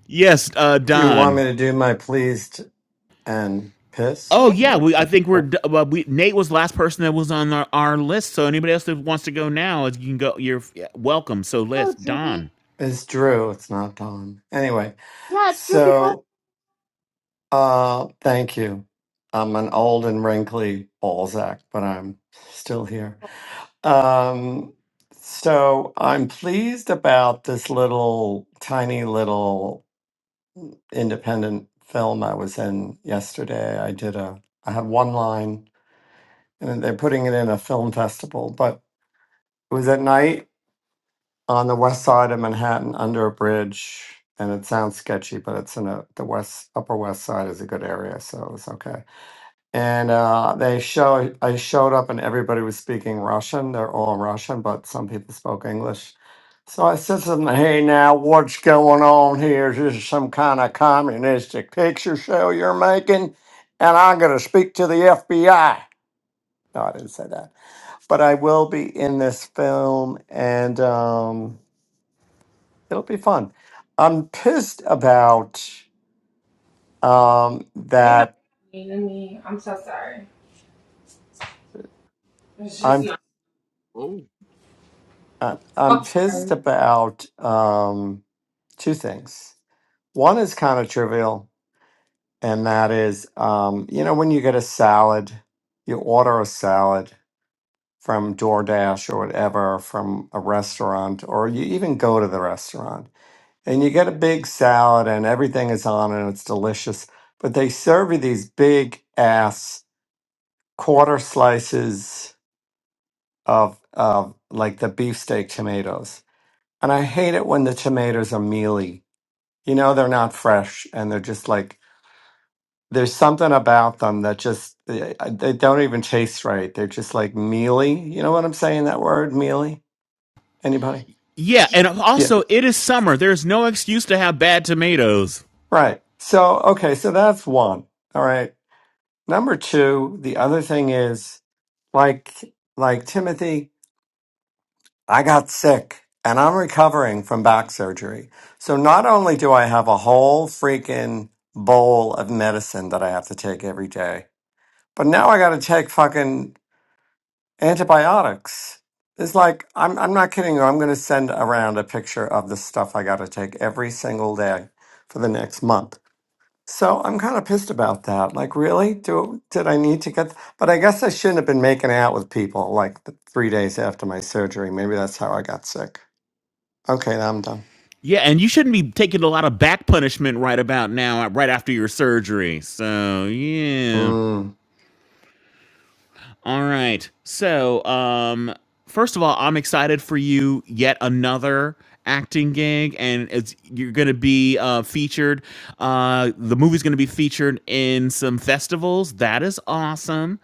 Yes, uh,
Do you want me
Don.
to do my pleased and pissed?
Oh
Yeah.
yeah, we. I think we're.
Well,
Well, we, Nate was the last person that was on our, our list. So anybody else that wants to go now, you can go. You're welcome. So
Oh,
list Don.
Droopy.
It's Drew. It's not Don. Anyway,
Yeah, it's Droopy Ballsack.
so uh, thank you. I'm an old and wrinkly Balzac, but I'm still here. Um, so I'm pleased about this little tiny little independent film I was in yesterday. I did a I had one line and they're putting it in a film festival, but it was at night on the west side of Manhattan under a bridge and it sounds sketchy, but it's in a, the west upper west side is a good area, so it was okay. and uh, they show I showed up and everybody was speaking Russian. They're all Russian, but some people spoke English. So I said to them, "Hey, now what's going on here? Is this some kind of communistic picture show you're making?" And I'm going to speak to the FBI. No, I didn't say that, but I will be in this film, and um, it'll be fun. I'm pissed about um,
You're not
that.
mean to me. I'm so sorry. It's just
I'm
not.
Oh
uh, I'm
I'm
pissed
sorry.
about. Um, two things. One is kind of trivial, and that is, um, you know, when you get a salad, you order a salad from DoorDash or whatever from a restaurant, or you even go to the restaurant and you get a big salad and everything is on it and it's delicious. But they serve you these big ass quarter slices of, of like the beefsteak tomatoes. And I hate it when the tomatoes are mealy. You know, they're not fresh and they're just like there's something about them that just they, they don't even taste right. They're just like mealy. You know what I'm saying? That word mealy. Anybody?
Yeah, and
Yeah.
also it is summer. There's no excuse to have bad tomatoes.
Right. So okay. So that's one. All right. Number two. The other thing is like like Timothy. I got sick and I'm recovering from back surgery. So not only do I have a whole freaking bowl of medicine that I have to take every day, but now I got to take fucking antibiotics. It's like I'm I'm not kidding you. I'm going to send around a picture of the stuff I got to take every single day for the next month. So I'm kind of pissed about that. Like, really? Do did I need to get? But I guess I shouldn't have been making out with people like the three days after my surgery. Maybe that's how I got sick. Okay, now I'm done.
Yeah, and you shouldn't be taking a lot of back punishment right about now, right after your surgery. So yeah.
Mm,
All right. So um, first of all, I'm excited for you. Yet another acting gig, and it's you're gonna be uh, featured. Uh, the movie's gonna be featured in some festivals. That is awesome.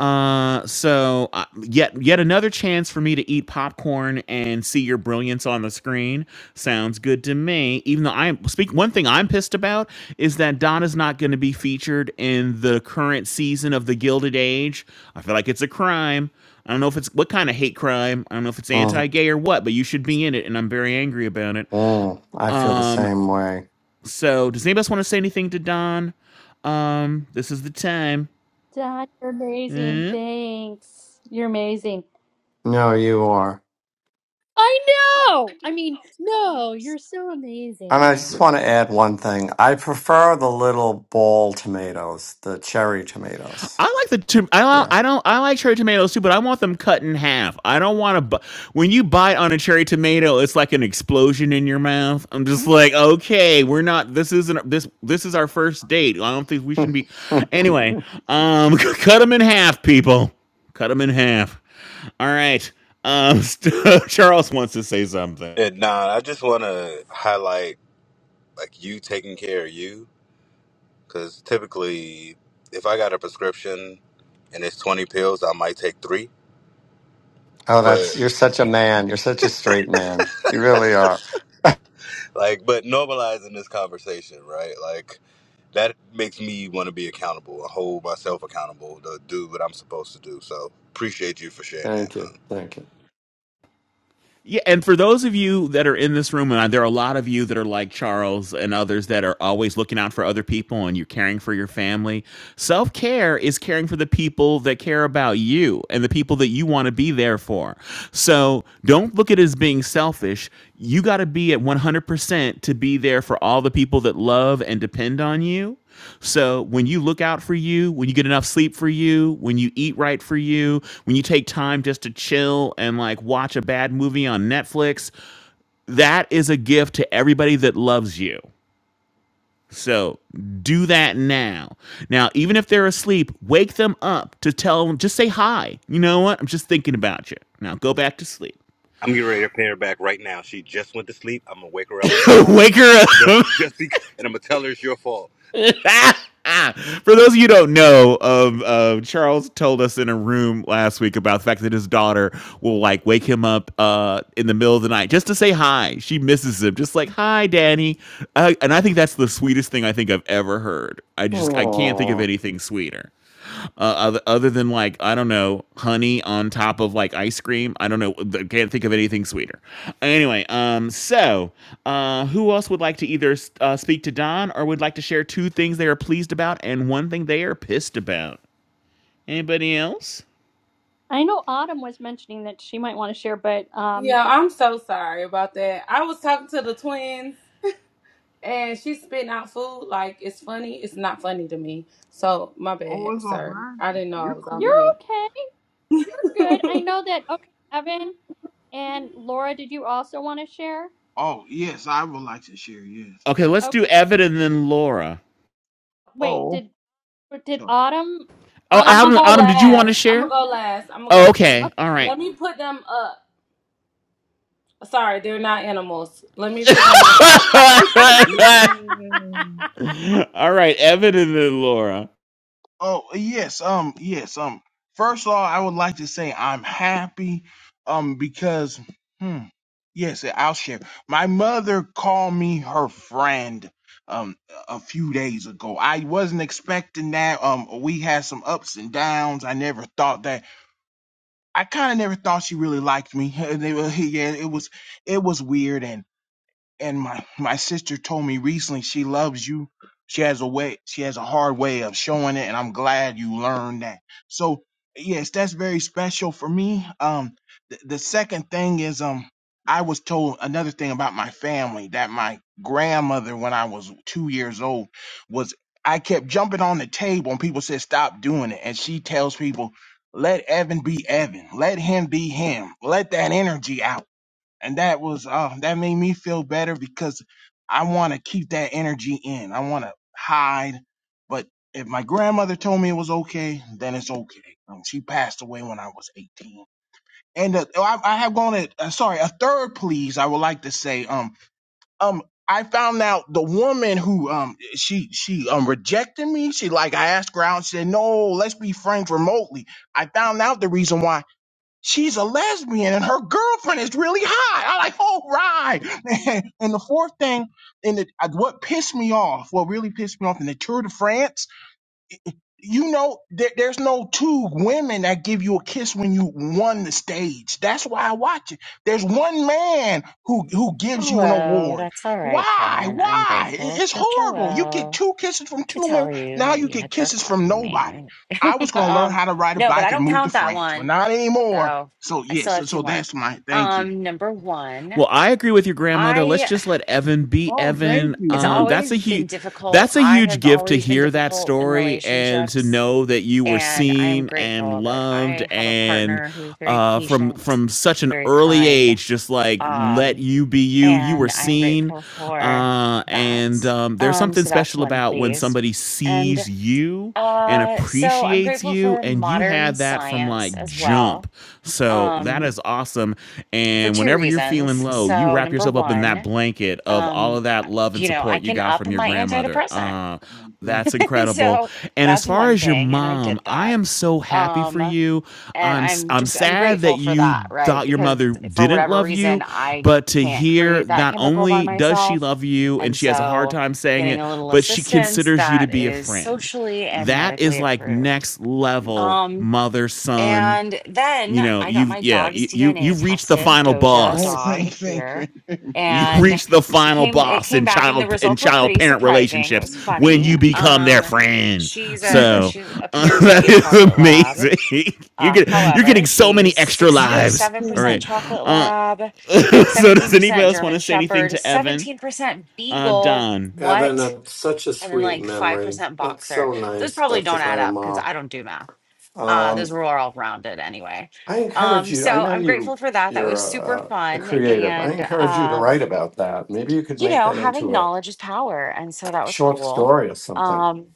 Uh, so uh, yet yet another chance for me to eat pop popcorn and see your brilliance on the screen. Sounds good to me. Even though I'm speak one thing I'm pissed about is that Donna's not going to be featured in the current season of The Gilded Age. I feel like it's a crime. I don't know if it's what kind of hate crime. I don't know if it's
mm,
anti-gay or what, but you should be in it and I'm very angry about it.
mm. I feel the
Um
same way.
so does anybody else want to say anything to Don? Um this is the time.
Dad, you're amazing. Thanks. You're amazing.
No, you are.
I know. I mean, no, you're so
And I just
amazing.
want to add one thing. I prefer the little ball tomatoes, the cherry tomatoes.
I like the tom- I
Yeah.
I don't I like cherry tomatoes too, but I want them cut in half. I don't want to. Bu- when you bite on a cherry tomato, it's like an explosion in your mouth. I'm just like, okay, we're not. This isn't this. This is our first date. I don't think we should be.
oh,
Anyway, um, cut them in half, people. Cut them in half. All right. Um, Charles wants to say something.
And nah, I just want to highlight like you taking care of you, because typically, if I got a prescription and it's 20 pills, I might take three.
that's
But
you're such a man. You're such a straight man. You really are.
Like, but normalizing this conversation, right? Like, that makes me want to be accountable, hold myself accountable to do what I'm supposed to do. So, appreciate you for sharing that,
Thank you.
man.
Thank you.
Yeah, and for those of you that are in this room, and there are a lot of you that are like Charles and others that are always looking out for other people and you're caring for your family. Self care is caring for the people that care about you and the people that you want to be there for. So don't look at it as being selfish. You got to be at 100% to be there for all the people that love and depend on you. So when you look out for you, when you get enough sleep for you, when you eat right for you, when you take time just to chill and like watch a bad movie on Netflix, that is a gift to everybody that loves you. So do that now. Now, even if they're asleep, wake them up to tell them, just say hi. You know what? I'm just thinking about you. Now go back to sleep.
I'm getting ready to pay her back right now. She just went to sleep. I'm gonna wake her up and say hi.
wake her up.
Just, just, bec- and I'm gonna tell her it's your fault.
For those of you who don't know, um, uh, Charles told us in a room last week about the fact that his daughter will like wake him up uh, in the middle of the night just to say hi. She misses him, just like hi, Danny. Uh, and I think that's the sweetest thing I think I've ever heard. I just I can't think of
Oh,
anything sweeter. Uh, other, other than like I don't know, honey on top of like ice cream. I don't know. I Can't think of anything sweeter. Anyway, um, so uh, who else would like to either uh, speak to Don or would like to share two things they are pleased about and one thing they are pissed about? Anybody else?
I know Autumn was mentioning that she might want to share, but um,
Yeah, I'm so sorry about that. I was talking to the twins and she's spitting out food like it's funny. It's not funny to me. So my
oh,
bad,
it's all
sir. I
right.
didn't know I
You're
was off
you're
cool.
mute.
okay. You're good. I know that. Okay, Evan and Laura, did you also want to share?
Oh yes, I would like to share. Yes.
Okay, let's do
Okay.
Evan and then Laura.
Wait,
Oh
did did
sorry.
Autumn
Oh,
I'm
Autumn,
gonna
did
Adam,
go
you
Adam,
want
did you want to
last. I'm gonna
share?
go last. I'm gonna
Oh,
go last.
okay. All right.
Let me put them up. Sorry, they're not animals. Let me put them to sleep.
Yeah.
All right, Evan and then Laura.
Oh, yes, um, yes, um. First of all, I would like to say I'm happy, um, because, hmm, yes, I'll share. My mother called me her friend, um, a few days ago. I wasn't expecting that. Um, we had some ups and downs. I never thought that. I kind of never thought she really liked me. And they were, yeah, it was, it was weird and my my sister told me recently she loves you. She has a way. She has a hard way of showing it, and I'm glad you learned that. So yes, that's very special for me. Um, the, the second thing is um, I was told another thing about my family that my grandmother, when I was two years old, was I kept jumping on the table, and people said stop doing it, and she tells people. Let Evan be Evan. Let him be him. Let that energy out and that was uh, that made me feel better because I want to keep that energy in. I want to hide, but if my grandmother told me it was okay, then it's okay. Um, she passed away when I was 18, and uh, oh, I, I have gone. At, uh, sorry, a third please. I would like to say, um, um. I found out the woman who um she she um rejected me. She like I asked her out. She said no, let's be friends remotely. I found out the reason why she's a lesbian and her girlfriend is really hot. I'm like, all right. And the fourth thing, and it, what pissed me off, what really pissed me off in the Tour de France you know there, there's no two women that give you a kiss when you won the stage that's why i watch it there's one man who who gives you an
Hello,
award
that's all right,
why
Kevin. I'm
why It-
grateful
it's
for
horrible you get
Joel
two kisses from
to
two
tell
women
you
now
that
you
you
get
had
kisses from
forgotten
nobody
me.
i was going to learn
um,
how to ride a
no, but I
bike and
don't
move to
count that
france but
one.
not anymore
So
so
I
yes
still
so,
have two
so
more.
that's my thank you
Um, number one,
Well, I agree with your grandmother. Let's
I
just let Evan be
oh thank
Evan.
you
it's
Um,
oh
that's
always
a
been
huge,
difficult.
that's a
I
huge
have
gift to
always been
hear that
difficult in
story and to
relationships,
know that you were
and I am
seen and
grateful that
loved
I have a
and
partner who's very
uh, from
patient,
from such an
very
early
kind.
age, just like let
Um,
you be you. You were
and I'm
seen,
grateful for
uh,
that.
and um, there's
Um,
something
so that's
special
one
about when
please.
somebody
And
sees you and
uh, so I'm
appreciates
grateful
you,
for
and you
modern
had that from
science
like
as well
jump. So that
um,
is awesome awesome.
for
And
two
whenever you're feeling
reasons.
low, you
So,
wrap
number
yourself up in that
one,
blanket of all
um,
of that
uh,
love and
you know, I
support you
can
got
up
from your
my
grandmother.
antidepressant.
Uh,
no, thank
that's
you
incredible.
so
And as
that's
far
one
as your
thing, and I
mom,
did
I
that.
am so happy for
Um,
you.
and
I'm s-
i'm
I'm
just i'm
sad that
grateful for
you
that right
thought your
because
mother
for
didn't
whatever
love you,
reason i
but to
can't
hear
create that
not
chemical by
only does she
myself
love you and
and
she has a hard
so
time saying
getting
it,
a little
but she
assistance
considers you to
that
be a
is
friend.
socially and
That
medically
is like
approved
next level
um
mother son
and then
you know
i got
you've
my
yeah
dog's
you, you
dna
you've reached the
tested
final
doja
oh
boss
dog
thank thank you
here
you
and
reach the
she
final
came it
boss
came
in
back and the
child in
results were
child
pretty
parent
surprising it
relationships
was
when
funny
you become their
um
friend
she's a
yeah,
so
she
uh,
appears to
that
be a
is
chocolate lab
amazing you
uh,
get you're
however,
getting so many
she's
extra
yes
lives all
thank
67%
right
you
chocolate
uh
lab, like
so does anybody
17%
else want to
German
say anything
Shepherd,
to evan
17%
uh
Beagle.
don
Evan,
What?
that's such a
And then
sweet
like
memory.
5%
That's
Boxer.
so
Those
nice
probably
about your
don't add up because
grandma.
I don't do math. Uh, those
Um,
were all rounded anyway.
I encourage
Um,
you. I
so
know
I'm
you.
grateful for that. That
You're
was super
a, a a
fun.
creative. I
And,
encourage you to write
um,
about that. Maybe you could
you
make
know,
that
having
into a
knowledge is power. And so that was
short
cool.
story or something.
Um,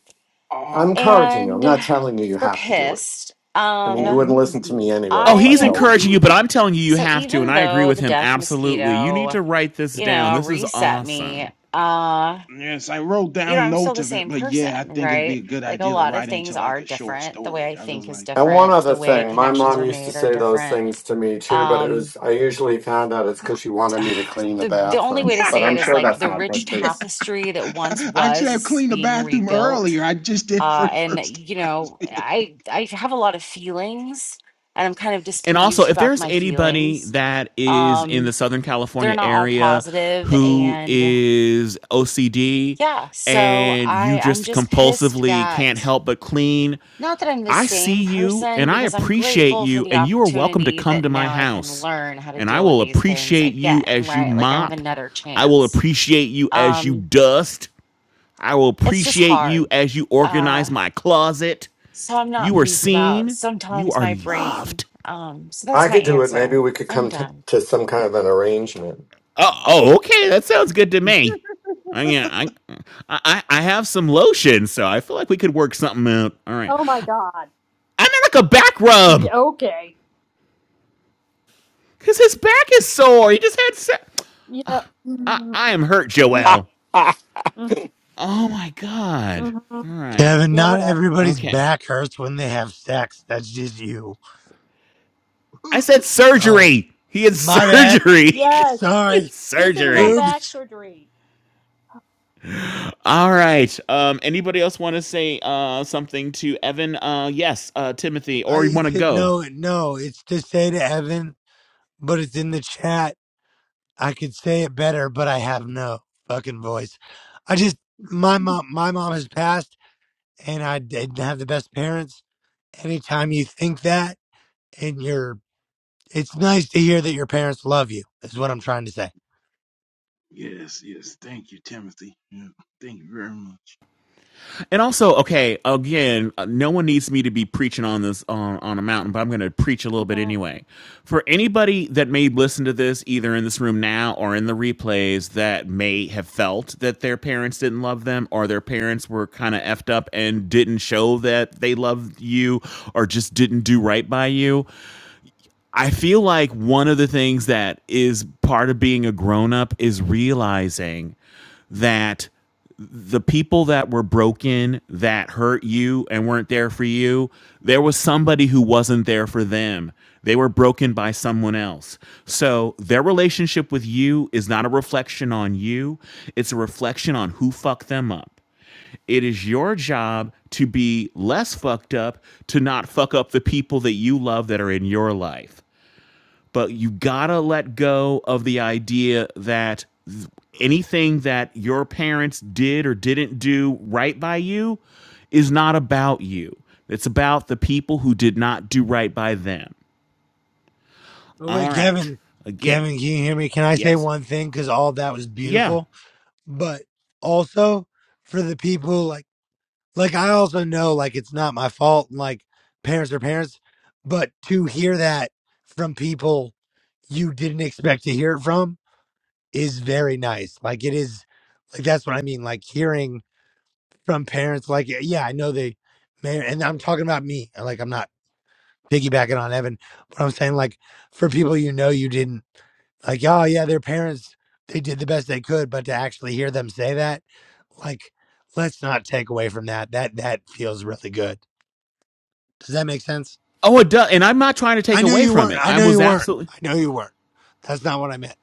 I'm
oh
encouraging you. I'm
and
not
uh,
telling you you
for
have to do it.
pissed,
I mean, you
oh
um,
wouldn't
that's
listen
a
to
good one.
me anyway
Oh,
if I
he's
I.
told you.
encouraging you, but I'm telling you, you
So
have to, and
even
I agree
though
with
the
him
death
absolutely. You need
mosquito,
to write this
you
down.
know,
This is
reset
awesome.
me, uh,
Yes, I wrote
you know,
down
I'm still
notes
the
of it,
same
but yeah, I
person,
think it'd be
right?
a good
Like a
idea to
lot of
write into
things
like
are
a short
different. The way
story.
I
I really
think is
like
And one
different. The
other
way
thing, my
connections
mom
are
used to
made are
say those
different.
things to me too, but it
Um,
was I usually found out it's because she wanted me to clean the
the the only way
bathroom.
to
But
that.
say
I'm
it is
sure
like
that's
the
not her
rich
case.
tapestry that once
I should
was
have
is
cleaned the
being
bathroom
rebuilt.
earlier. I just did it for
Uh,
the
and
first
you know,
time.
I I have a lot of feelings, and I'm kind of
And also,
displeased
if
about
there's
my
anybody
feelings.
that is in
Um,
the Southern
they're
California
not all
area
positive
who
and
is OCD
yeah so
and you
i i'm
just
just pissed
compulsively can't
that
help but clean,
not that i'm the
I
same
see you
person
and I
because i'm
appreciate
grateful for
you,
the
and you are welcome to
opportunity
come
that
to my
now i can
house.
learn how to
And I
deal with
will
these things
appreciate you
again
as you
right like i have
mop.
another
I will
chance
appreciate you as you
um
dust. I will
it's just
appreciate you
hard
as you
uh
organize my closet.
so i'm not
You are
pleased about
seen. You
sometimes
are
my brain
loved.
um so
I
that's my
could do it. Maybe
answer
we could
i'm
come t-
done
to some kind of an arrangement.
Oh, oh, okay. That sounds good to me. I, yeah, I, I, I have some lotion, so I feel like we could work something out. All right.
Oh my God.
I'm in like a back rub
Yeah, okay.
because his back is sore. He just had. Se-
Yeah.
I,
Mm,
I am hurt,
mm,
Joelle.
mm,
Oh my god.
mhm.
All right.
Kevin,
Yeah,
not
whatever.
everybody's
Okay.
back hurts when they have sex. That's just you.
I said
Oh,
surgery. He had
my bad.
surgery.
Yes.
Sorry.
Recently had
surgery.
back
Oops.
surgery.
All right. Um. Anybody else want to say uh something to Evan? Uh. Yes. Uh. Timothy.
I
Or you want to
it's it.
go?
No, no. It's to say to Evan, but it's in the chat. I could say it better, but I have no fucking voice. I just my mom, my mom has passed, and I didn't have the best parents Anytime you think that, and you're, it's nice to hear that your parents love you. Is what I'm trying to say.
yes, yes. Thank you, Timothy. Yeah, thank you very much.
And also, okay, again, uh, no one needs me to be preaching on this on, on a mountain, but I'm going to preach a little bit
hmm
anyway. For anybody that may listen to this, either in this room now or in the replays, that may have felt that their parents didn't love them or their parents were kind of effed up and didn't show that they loved you or just didn't do right by you, I feel like one of the things that is part of being a grown up is realizing that the people that were broken that hurt you and weren't there for you there was somebody who wasn't there for them they were broken by someone else so their relationship with you is not a reflection on you it's a reflection on who fucked them up it is your job to be less fucked up to not fuck up the people that you love that are in your life but you gotta let go of the idea that th- anything that your parents did or didn't do right by you is not about you. It's about the people who did not do right by them.
But
All
wait,
right.
Kevin,
Again,
Kevin, can you hear me? Can I say
yes.
one thing? Because all that was
Yeah.
beautiful, but also for the people like, like I also know like it's not my fault. and, Like parents are parents, but to hear that from people you didn't expect to hear it from is very nice. Like it is, like that's what I mean. Like hearing from parents like yeah yeah, i know they may and i'm talking about me like i'm not piggybacking on evan but i'm saying like for people you know you didn't like oh yeah their parents they did the best they could but to actually hear them say that like let's not take away from that that that feels really good does that make sense
Oh, it does. And I'm not trying to take
i know
away
you
from
weren't
it.
i
I
know you
was
weren't
absolutely.
i know you weren't that's not what i meant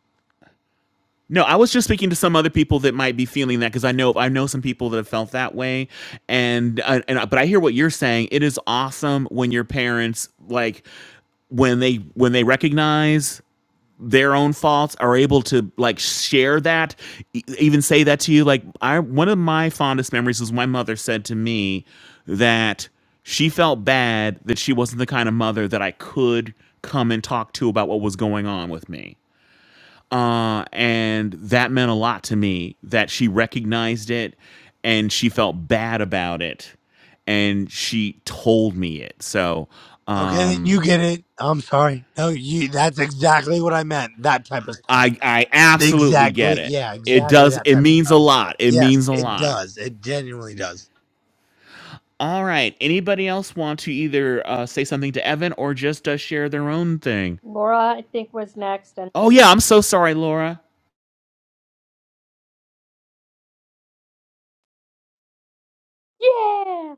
No, I was just speaking to some other people that might be feeling that because I know I know some people that have felt that way, and I- and I- but I hear what you're saying. It is awesome when your parents like when they when they recognize their own faults are able to like share that e- even say that to you like i one of my fondest memories was my mother said to me that she felt bad that she wasn't the kind of mother that i could come and talk to about what was going on with me uh, and that meant a lot to me that she recognized it and she felt bad about it and she told me it so
okay then you
um
get it i'm sorry no you that's exactly what i meant that type of stuff
i i absolutely get
Exactly.
it
Yeah,
it
exactly
does
that
it
type of
means a
stuff.
lot it means
Yes,
a
it
lot
does. It genuinely does.
all right anybody else want to either uh, say something to evan or just uh, share their own thing
Laura, I think, was next. And
oh yeah i'm so sorry laura
yeah.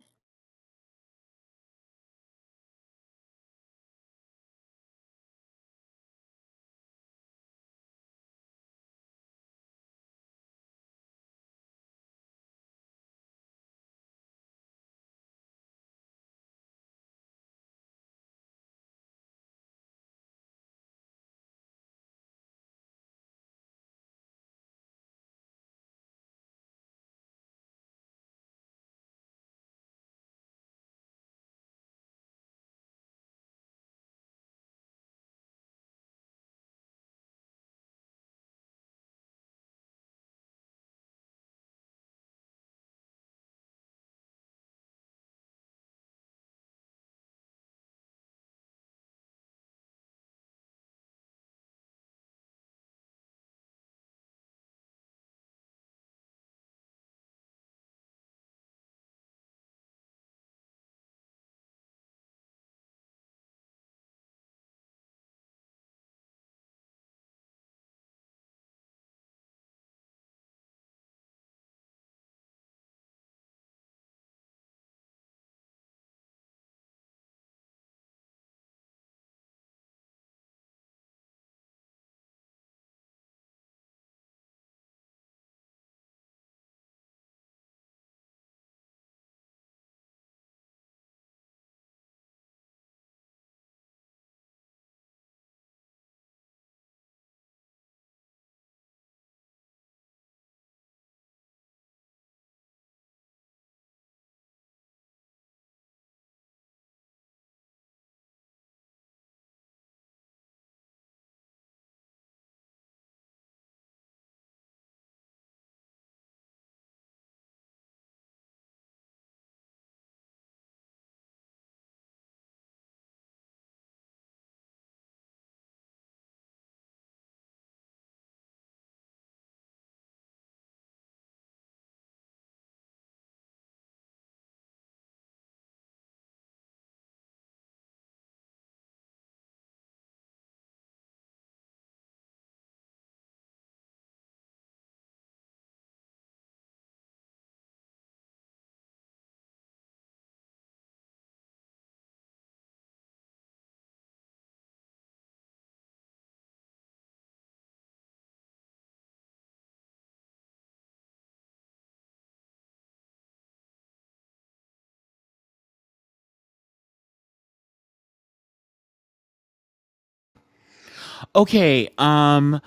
Okay, um,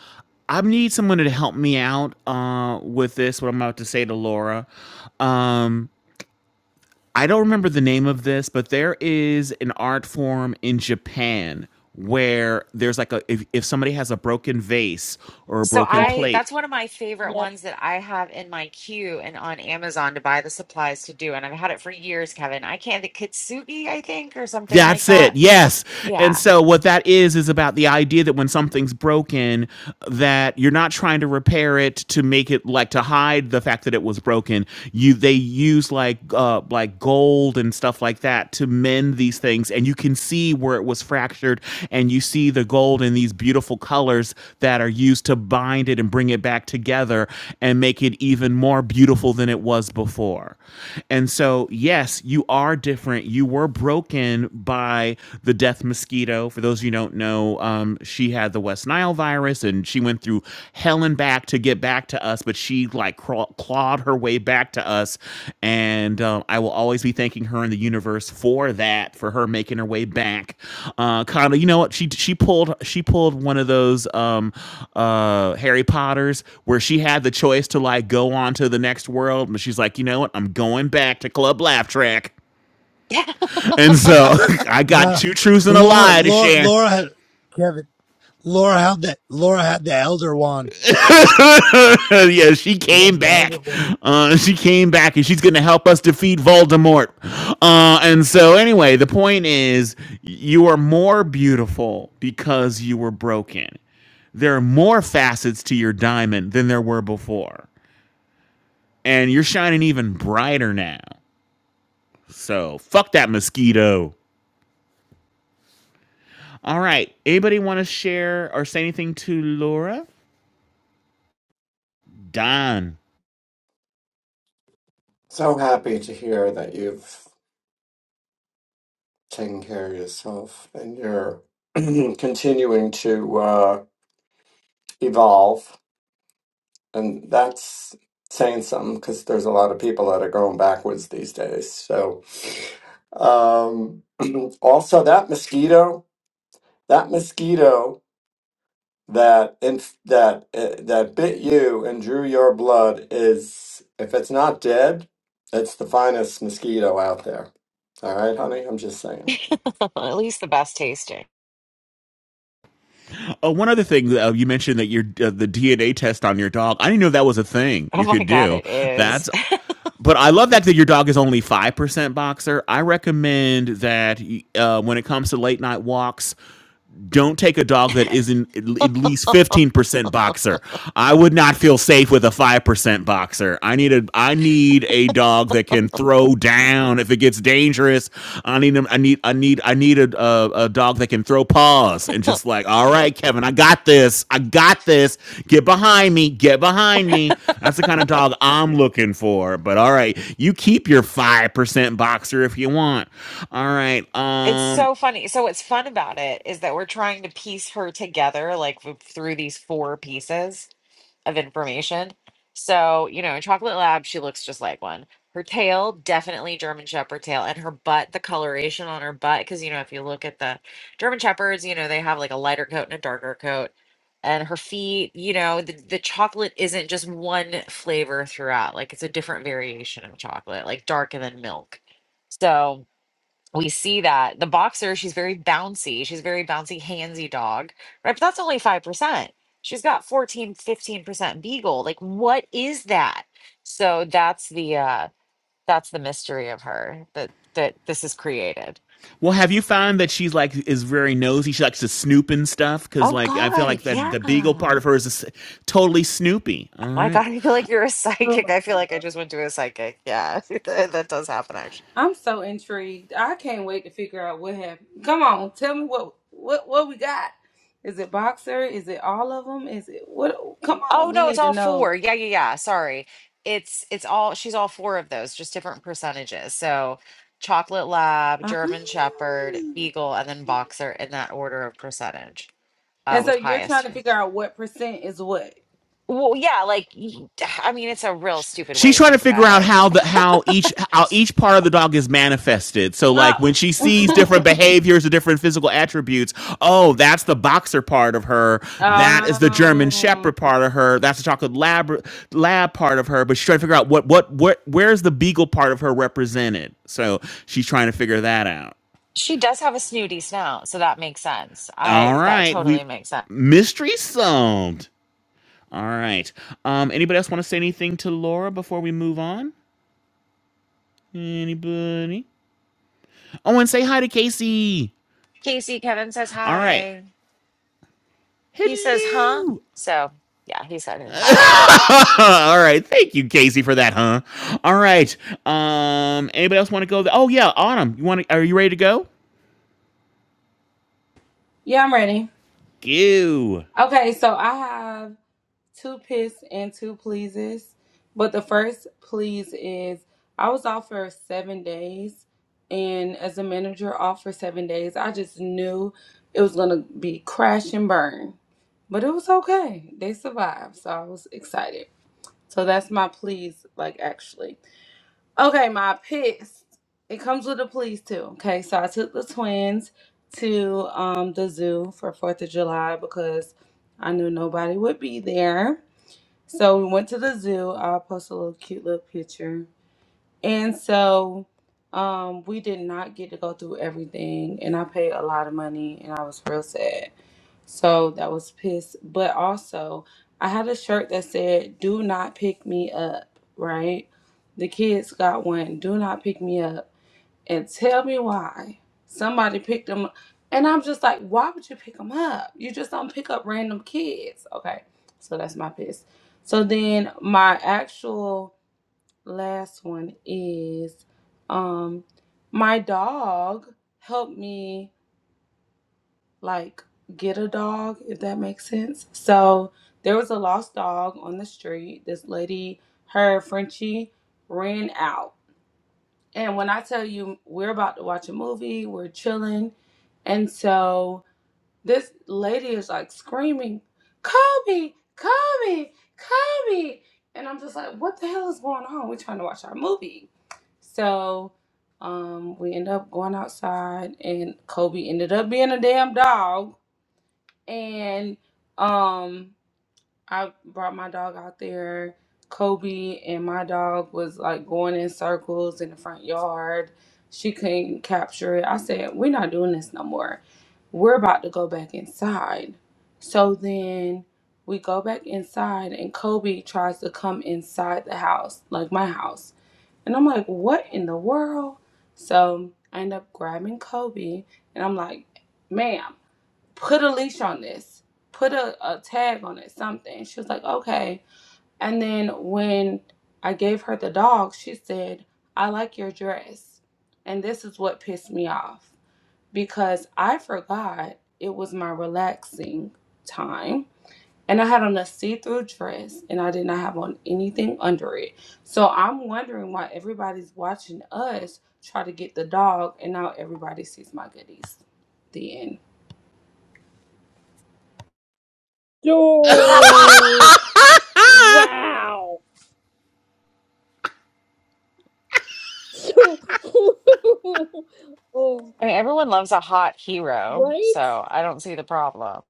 I need someone to help me out, uh, with this, what I'm about to say to Laura. Um, I don't remember the name of this, but there is an art form in Japan where there's like a if, if somebody has a broken vase or a
So
broken
Yep.
I
plate,
that's one of my favorite
Yep.
ones that I have in my queue and on Amazon to buy the supplies to do. And I've had it for years, Kevin. I can't the kintsugi, I think, or something like
That's it.
that.
Yes. And
Yeah.
so what that is is about the idea that when something's broken that you're not trying to repair it to make it like to hide the fact that it was broken. You they use like uh like gold and stuff like that to mend these things and you can see where it was fractured and you see the gold in these beautiful colors that are used to bind it and bring it back together and make it even more beautiful than it was before. And so yes, you are different. You were were broken by the death mosquito. For those of you who don't know, um, she had the West Nile virus and she went through hell and back to get back to us, but she like craw- clawed her way back to us. And um, I will always be thanking her in the universe for that, for her making her way back. Uh, Connell, you know what? She she pulled she pulled one of those um, uh, Harry Potters where she had the choice to like go on to the next world, but she's like, you know what? I'm going back to Club Laugh Track.
Yeah.
And so I got
No.
two truths and a
Laura
lie to
Laura
share.
Laura had Kevin. Laura had that Laura had the elder wand.
yeah, she
She
came
had the elder
back.
wand.
Uh, she came back and she's going to help us defeat Voldemort. Uh, and so, anyway, the point is you are more beautiful because you were broken. There are more facets to your diamond than there were before. And you're shining even brighter now. So, fuck that mosquito. All right. Anybody want to share or say anything to Laura? Don.
So happy to hear that you've taken care of yourself and you're continuing to uh, evolve. And that's saying something because there's a lot of people that are going backwards these days. So, um, also that mosquito, that mosquito that inf- that uh, that bit you and drew your blood is if it's not dead, it's the finest mosquito out there. All right, honey, I'm just saying.
At least the best tasting.
Oh, one other thing uh, you mentioned that your uh, the DNA test on your dog. I didn't know that was a thing
Oh
you
my
could
God,
do.
it is.
That's but I love that that your dog is only five percent boxer. I recommend that uh, when it comes to late night walks, don't take a dog that isn't at least 15% boxer. I would not feel safe with a 5% boxer. I need a I need a dog that can throw down if it gets dangerous. I need him I need I need I need a, a a dog that can throw paws and just like, "All right, Kevin, I got this. I got this. Get behind me. Get behind me." That's the kind of dog I'm looking for. But all right, you keep your 5% boxer if you want. All right.
It's
Um
so funny. So what's fun about it is that we're trying to piece her together like w- through these four pieces. of information. So, you know, in Chocolate Lab, she looks just like one. Her tail, definitely German Shepherd tail, and her butt, the coloration on her butt, because, you know, if you look at the German Shepherds, you know, they have like a lighter coat and a darker coat. And her feet, you know, the, the chocolate isn't just one flavor throughout. Like it's a different variation of chocolate, like darker than milk. So, we see that the boxer she's very bouncy she's a very bouncy handsy dog right but that's only 5% she's got fourteen, fifteen percent beagle like what is that so that's the uh that's the mystery of her that that this is created
Well, have you found that she's like is very nosy? She likes to snoop and stuff because,
oh
like, I feel
god
like that
yeah
the beagle part of her is s- totally snoopy. All
my
right,
god i feel like you're a
Oh
psychic
my
i feel like i
God.
just went to a psychic yeah that, that does happen
I'm so intrigued. I can't wait to figure out what happened. Come on, tell me what what what we got. Is it boxer? Is it all of them? Is it what? Come on,
Oh
we
no, it's
need to
all
know.
four. Yeah, yeah, yeah. Sorry. It's it's all she's all four of those, just different percentages. So chocolate lab,
Ah.
German Shepherd, Beagle, and then Boxer in that order of percentage, uh,
And so
with
you're trying
highest.
to figure out what percent is what.
Well, yeah, like y- I mean, it's a real stupid
she's
way to
trying to
think
figure
about
out
it.
how the how each how each part of the dog is manifested. So, like,
Oh.
when she sees different behaviors or different physical attributes, oh, that's the boxer part of her. That is the German
um.
Shepherd part of her. That's the chocolate lab lab part of her. But she's trying to figure out what what what where's the beagle part of her represented. So she's trying to figure that out.
She does have a snooty snout, so that makes sense.
All
I that
right,
totally
we've
makes sense.
mystery solved. All right. Um, anybody else want to say anything to Laura before we move on? Anybody? Oh, and say hi to Casey.
Casey, Kevin says
All right.
hi. He says, huh?
Hello.
So yeah, he said hi.
All right. Thank you, Casey, for that, huh? All right. Um, anybody else want to go? oh yeah, Autumn. You want? to? Are you ready to go?
Yeah, I'm ready.
Go.
Okay, so I have two piss and two pleases. But the first please is I was off for seven days, and as a manager, off for seven days, I just knew it was gonna be crash and burn. But it was okay. They survived, so I was excited. So that's my please, like actually. Okay, my piss. It comes with a please too. Okay, so I took the twins to um the zoo for Fourth of July because I knew nobody would be there so we went to the zoo. I'll post a little cute little picture. And so um, we did not get to go through everything, and I paid a lot of money, and I was real sad. So that was pissed. But also, I had a shirt that said, Do not pick me up, right? The kids got one, Do not pick me up and tell me why somebody picked them up. And I'm just like, why would you pick them up? You just don't pick up random kids. Okay, so that's my piss. So then my actual last one is um my dog helped me like get a dog if that makes sense. So there was a lost dog on the street. This lady, her Frenchie ran out and when I tell you we're about to watch a movie, we're chilling. And so this lady is like screaming, Kobe, Kobe, Kobe. And I'm just like, what the hell is going on? We're trying to watch our movie. So um, we end up going outside, and Kobe ended up being a damn dog. And um, I brought my dog out there. Kobe and my dog was like going in circles in the front yard. She couldn't capture it. I said, We're not doing this no more. We're about to go back inside. So then we go back inside, and Kobe tries to come inside the house, like my house. And I'm like, What in the world? So I end up grabbing Kobe, and I'm like, Ma'am put a leash on this, put a, a tag on it, something. She was like, okay. And then when I gave her the dog, she said, I like your dress. And this is what pissed me off because I forgot it was my relaxing time. And I had on a see through dress and I did not have on anything under it. So I'm wondering why everybody's watching us try to get the dog and now everybody sees my goodies. The end.
Oh, wow. So, oh,
I mean, everyone loves a hot hero,
right,
so I don't see the problem.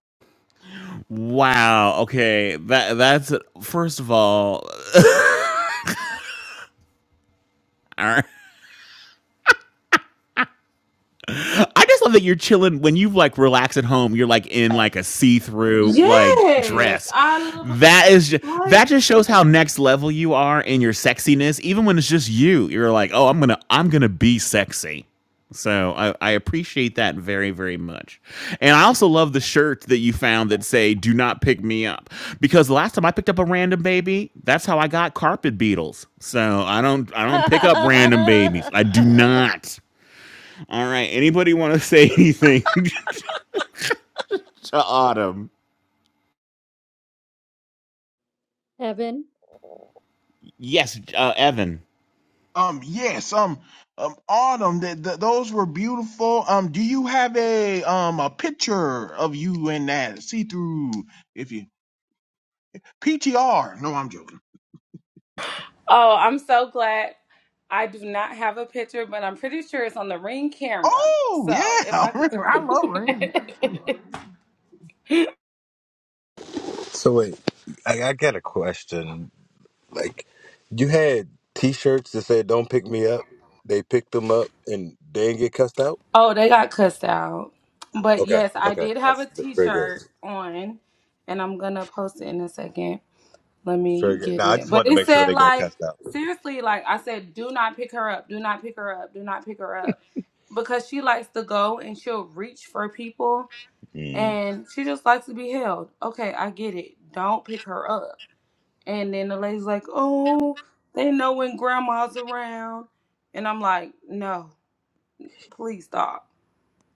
Wow. Okay. That that's first of all. All right. I just love that you're chilling when you like relax at home. You're like in like a see-through like
Yes,
dress.
I love
That is just,
like.
that just shows how next level you are in your sexiness. Even when it's just you, you're like, oh, I'm gonna I'm gonna be sexy. So I, I appreciate that very very much, and I also love the shirt that you found that say "Do not pick me up," because the last time I picked up a random baby, that's how I got carpet beetles. So I don't I
I
don't pick up random babies. I do not. All right. Anybody want to say anything to Autumn?
Evan.
Yes, uh, Evan.
Um, yes, um, um, Autumn, th- th- those were beautiful. Um, do you have a um a picture of you in that see through if you PTR? No, I'm joking.
Oh, I'm so glad. I do not have a picture, but I'm pretty sure it's on the ring camera.
Oh
So
yeah,
if
I
I,
love Rain.
So wait, I, I got a question. Like, you had T-shirts that said "Don't pick me up." They picked them up and they didn't get cussed out.
oh, they got cussed out. But
Okay,
yes, I
okay,
did have a
that's v- very good.
T-shirt on, and I'm gonna post it in a second. Let
Very
me
good.
get
Now I
it.
just
But
wanted to
it
make sure
said
they got
like
cussed out.
seriously, like I said, do not pick her up. Do not pick her up. Do not pick her up, because she likes to go and she'll reach for people. and she just likes to be held. Okay, I get it. Don't pick her up. And then the lady's like, oh, they know when grandma's around. And I'm like, no, please stop.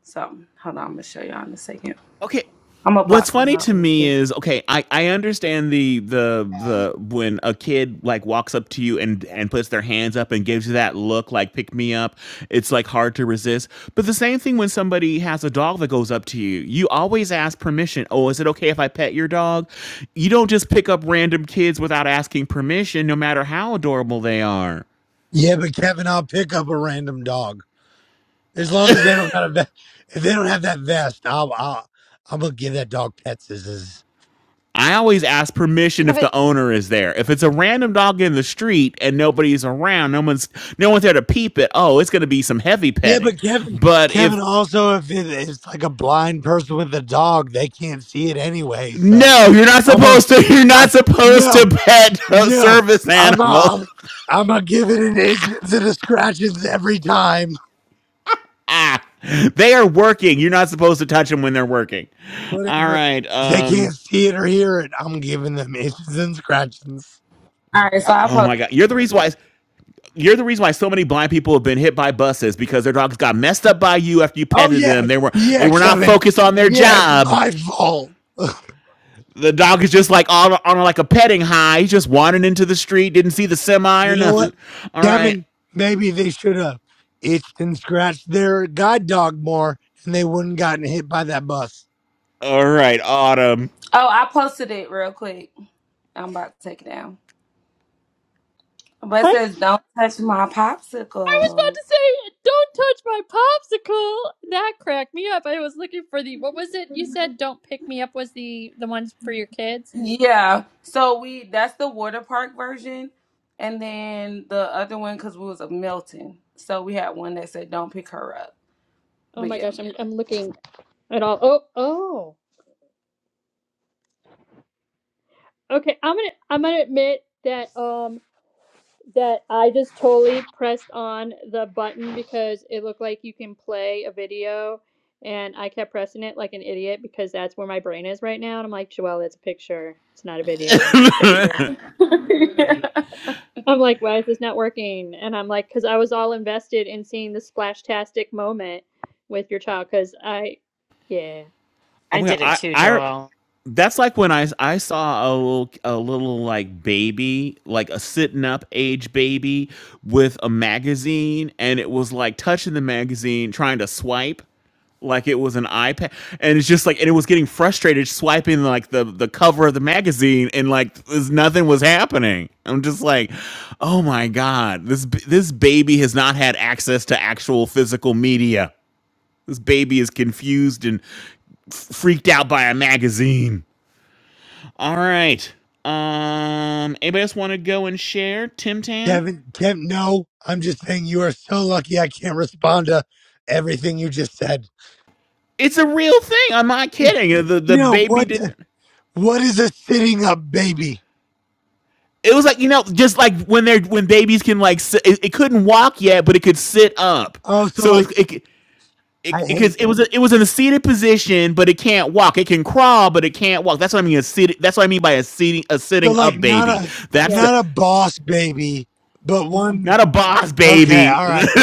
So hold on, I'm gonna show y'all in a second.
Okay.
I'm gonna
What's
block her
funny to
out real
me
quick.
is okay, I, I understand the the the when a kid like walks up to you and and puts their hands up and gives you that look like pick me up, it's like hard to resist. But the same thing when somebody has a dog that goes up to you, you always ask permission. Oh, is it okay if I pet your dog? You don't just pick up random kids without asking permission, no matter how adorable they are.
Yeah, but Kevin, I'll pick up a random dog. As long as they don't got a vest if they don't have that vest, I'll I'll I'm gonna give that dog pets as is.
I always ask permission if
Kevin,
the owner is there. If it's a random dog in the street and nobody's around, no one's no one's there to peep it. Oh, it's going to be some heavy
Yeah,
petting.
but Kevin
But if
Kevin also if it, it's like a blind person with a dog, they can't see it anyway, so
no, you're not
I'm a
supposed to. You're not
I,
supposed to
no,
pet a
No,
service
I'm
animal.
um, I'm gonna give it an itch to the scratches every time.
ah, they are working. You're not supposed to touch them when they're working. All
Whatever.
right.
If they
Um.
can't see it or hear it, I'm giving them itches and scratches.
All right, so I
Oh
post.
my God. You're the reason why. You're the reason why so many blind people have been hit by buses because their dogs got messed up by you after you
Oh
petted
yeah,
them. They were they
yeah,
were not
Kevin.
focused on their
Yeah, it's
job.
my fault.
The dog is just like on, on like a petting high. He's just wandering into the street, didn't see the semi or
You know what,
nothing. All right,
Kevin? Maybe they should have itched and scratched their guide dog more, and they wouldn't gotten hit by that bus.
all right, Autumn.
Oh, I posted it real quick. I'm about to take it down. But
I
it
I
says, don't
was
touch my
about
popsicle.
to say, "Don't touch my popsicle." That cracked me up. I was looking for the what was it you said? "Don't pick me up" was the the ones for your kids.
Yeah. So we that's the water park version, and then the other one because we was a Milton. So we had one that said "Don't pick her up."
Oh
But
my
yeah,
gosh, I'm I'm looking at all. Oh oh. Okay, I'm gonna I'm gonna admit that. um, that I just totally pressed on the button because it looked like you can play a video and I kept pressing it like an idiot because that's where my brain is right now. And I'm like, Joelle, it's a picture. It's not a video. It's a picture.
I
I'm like, why is this not working? And I'm like, because I was all invested in seeing the splashtastic moment with your child because I, yeah.
Oh
I
my god,
did it
I
too,
I
Joel.
that's like when I I saw a little a little like baby, like a sitting up age baby with a magazine, and it was like touching the magazine, trying to swipe. like it was an iPad, and it's just like, and it was getting frustrated swiping like the the cover of the magazine, and like there's nothing was happening. I'm just like, oh my god, this b- this baby has not had access to actual physical media. This baby is confused and f- freaked out by a magazine. All right, um, anybody else want to go and share Tim Tam?
Kevin, Kevin, no. I'm just saying you are so lucky. I can't respond to everything you just said.
It's a real thing. I'm not kidding. The the
No,
baby
what?
didn't.
What is a sitting up baby?
It was like you know, just like when they're when babies can like sit, it, it couldn't walk yet, but it could sit up.
Oh, so
So it
like
it
I
it because
hate
it, it was a, it was in a seated position, but it can't walk. It can crawl, but it can't walk. That's what I mean. A seated, That's what I mean by a sitting a
so
sitting
like
up
not
baby.
a
That's the
not a
Yes.
boss baby, but one.
not a boss
Okay,
baby.
all right.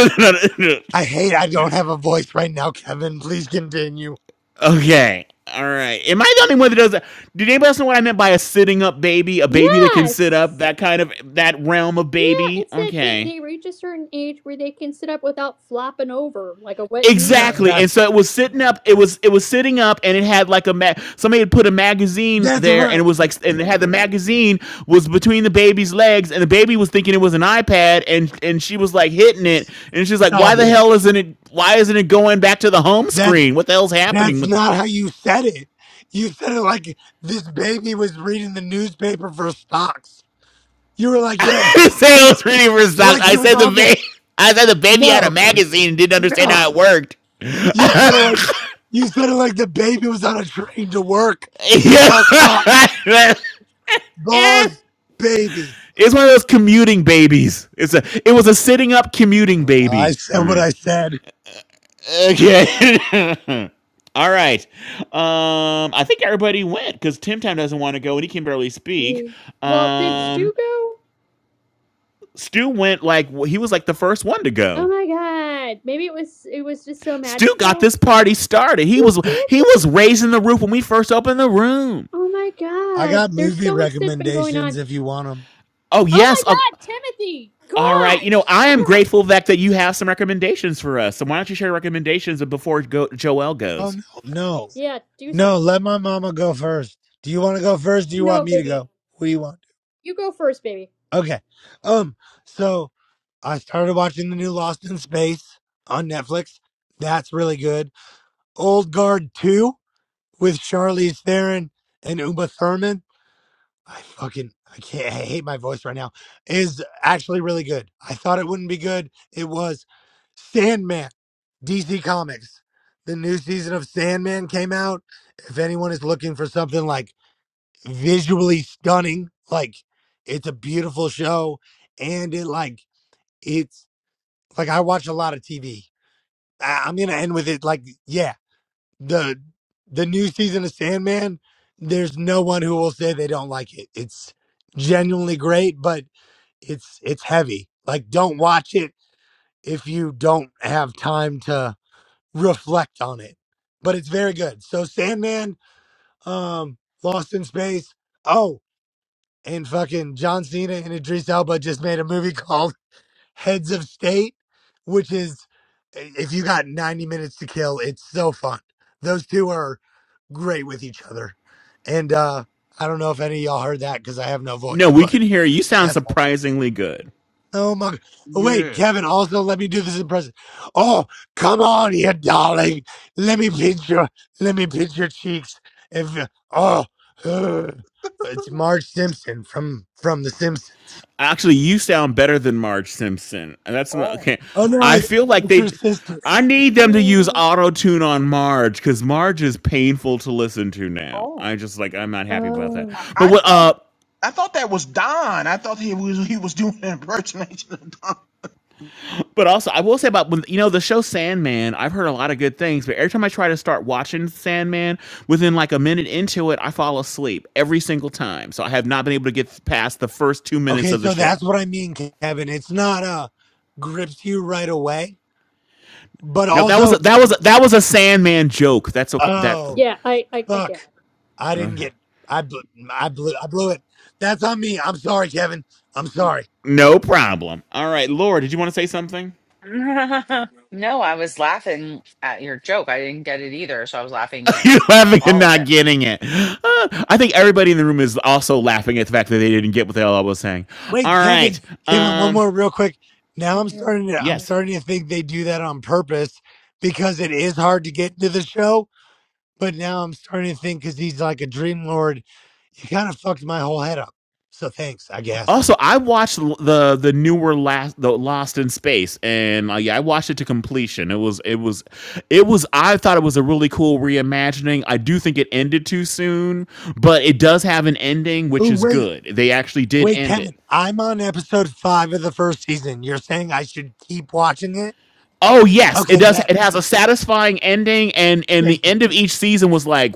I hate. I don't have a voice right now, Kevin. Please continue.
okay. All right. Am I the only one that does that? Did anybody else know what I meant by a sitting up baby? A baby that can sit
Yes.
up? That kind of that realm of
Yeah,
baby?
it said they,
Okay.
they reach a certain age where they can sit up without flopping over like a wet
No,
noodle.
Exactly. And
that's
so it was sitting up, it was it was sitting up and it had like a ma- somebody had put a magazine
that's
there and it
what.
was like and it had the magazine was between the baby's legs and the baby was thinking it was an iPad and and she was like hitting it and she's like why
Stop
the
it.
hell isn't it why isn't it going back to the home
That's
screen? What the hell's happening
that's
with
not how you said it. You said it like this baby was reading the newspaper for stocks. You were like, yeah,
the
this-
sales reading for stock?
like
I
he was
said the
on the
baby I said the baby had a
no,
magazine and didn't understand
no.
how it worked.
You said it like you said it like the baby was on a train to work to sell stocks.
yeah. yeah.
Boss baby.
It's one of those commuting babies. It's a it was a sitting up commuting
I
baby. All
said what
right.
I said.
Okay. All right. Um I think everybody went cuz Tim Tam doesn't want to go and he can barely speak.
Yeah. Well, did
Um
Stu go?
Stu went like he was like the first one to
Oh
go.
my god. Maybe it was it was just so
Stu got
magical.
this party started. He
You
was
did
he
get the
was
party
raising the roof when
started.
we first opened the room.
Oh my
I
god.
got
There's
movie
so much that's been going
recommendations
on.
if you want them.
Oh
Oh my
yes, uh,
god, Timothy!
all right.
God!
You know, I
Shut
am
up.
grateful that that you have some recommendations for us. So why don't you share recommendations before go, Joel
Oh
goes?
no, no,
Yeah, do
no.
some.
Let my mama go first. Do you want to go first? Do you want
No,
me to
baby.
go? What do you want?
You go first, baby.
Okay. Um. So I started watching the new Lost in Space on Netflix. That's really good. Old Guard Two with Charlize Theron and Uma Thurman. I fucking I can't I hate my voice right now is actually really good. I thought it wouldn't be good. It was Sandman, DC Comics. The new season of Sandman came out. If anyone is looking for something like visually stunning, like it's a beautiful show and it like it's like I watch a lot of TV. I, am going to end with it like yeah the the new season of Sandman, there's no one who will say they don't like it. It's genuinely great, but it's it's heavy. Like don't watch it if you don't have time to reflect on it. But it's very good. So Sandman, um, Lost in Space. Oh, and fucking John Cena and Idris Elba just made a movie called heads of state, which is eh, if you got 90 minutes to kill, it's so fun. Those two are great with each other. And uh I don't know if any of y'all heard that because I have no
No,
voice,
we
but
can hear you. You sound
that's all.
surprisingly good.
Oh my! g- oh, Wait,
Yeah.
Kevin. Also, let me do this impression. Oh, come on, here, darling. Let me pinch your, let me pinch your cheeks. If you- oh, ugh. it's Marge Simpson from from The Simpsons.
Actually, you sound better than Marge Simpson. And That's not,
Oh,
okay.
Oh no,
I
it's
feel like
it's her
they.
sister.
I need them to use
Mm.
auto tune on Marge because Marge is painful to listen to now.
oh.
I just like I'm not happy about that.
Oh.
I,
But
I
what?
thought
Uh,
I thought that was Don. I thought he was he was doing an impersonation of Don.
but also I will say about when you know the show Sandman. I've heard a lot of good things, but every time I try to start watching Sandman, within like a minute into it, I fall asleep every single time. So I have not been able to get past the first two minutes
Okay,
of the
so
show.
that's what I mean, Kevin. It's not uh grips you right away, but
No, that was a,
also,
that was a, that was a Sandman joke. That's okay. That
oh
Yeah, I I, I
fuck,
get
I didn't
okay.
get, I blew, I blew, I blew it. That's on me. I'm sorry, Kevin. I'm sorry.
No problem. All right, Laura, did you want to say something?
no, I was laughing at your joke. I didn't get it either, so I was laughing at
You're laughing and
all of it.
not getting it. Uh, I think everybody in the room is also laughing at the fact that they didn't get what the hell I was saying. All
Wait,
right.
Kevin, Kevin, one
Um.
more real quick. Now I'm
it.
starting to,
Uh,
I'm
uh.
Yes.
starting to think they do that on purpose because it is hard to get to the show. But now I'm starting to think because he's like a dream lord, you kind of fucked my whole head up. So thanks, I guess.
Also, I watched the the newer last the Lost in Space, and uh, yeah, I watched it to completion. It was it was it was I thought it was a really cool reimagining. I do think it ended too soon, but it does have an ending, which
Ooh,
is
wait,
good. They actually did
Wait,
end
Kevin,
it.
I'm on episode five of the first season. You're saying I should keep watching it?
Oh yes, it
Okay,
does.
bet.
It has a satisfying ending, and and the
Thank you.
end of each season was like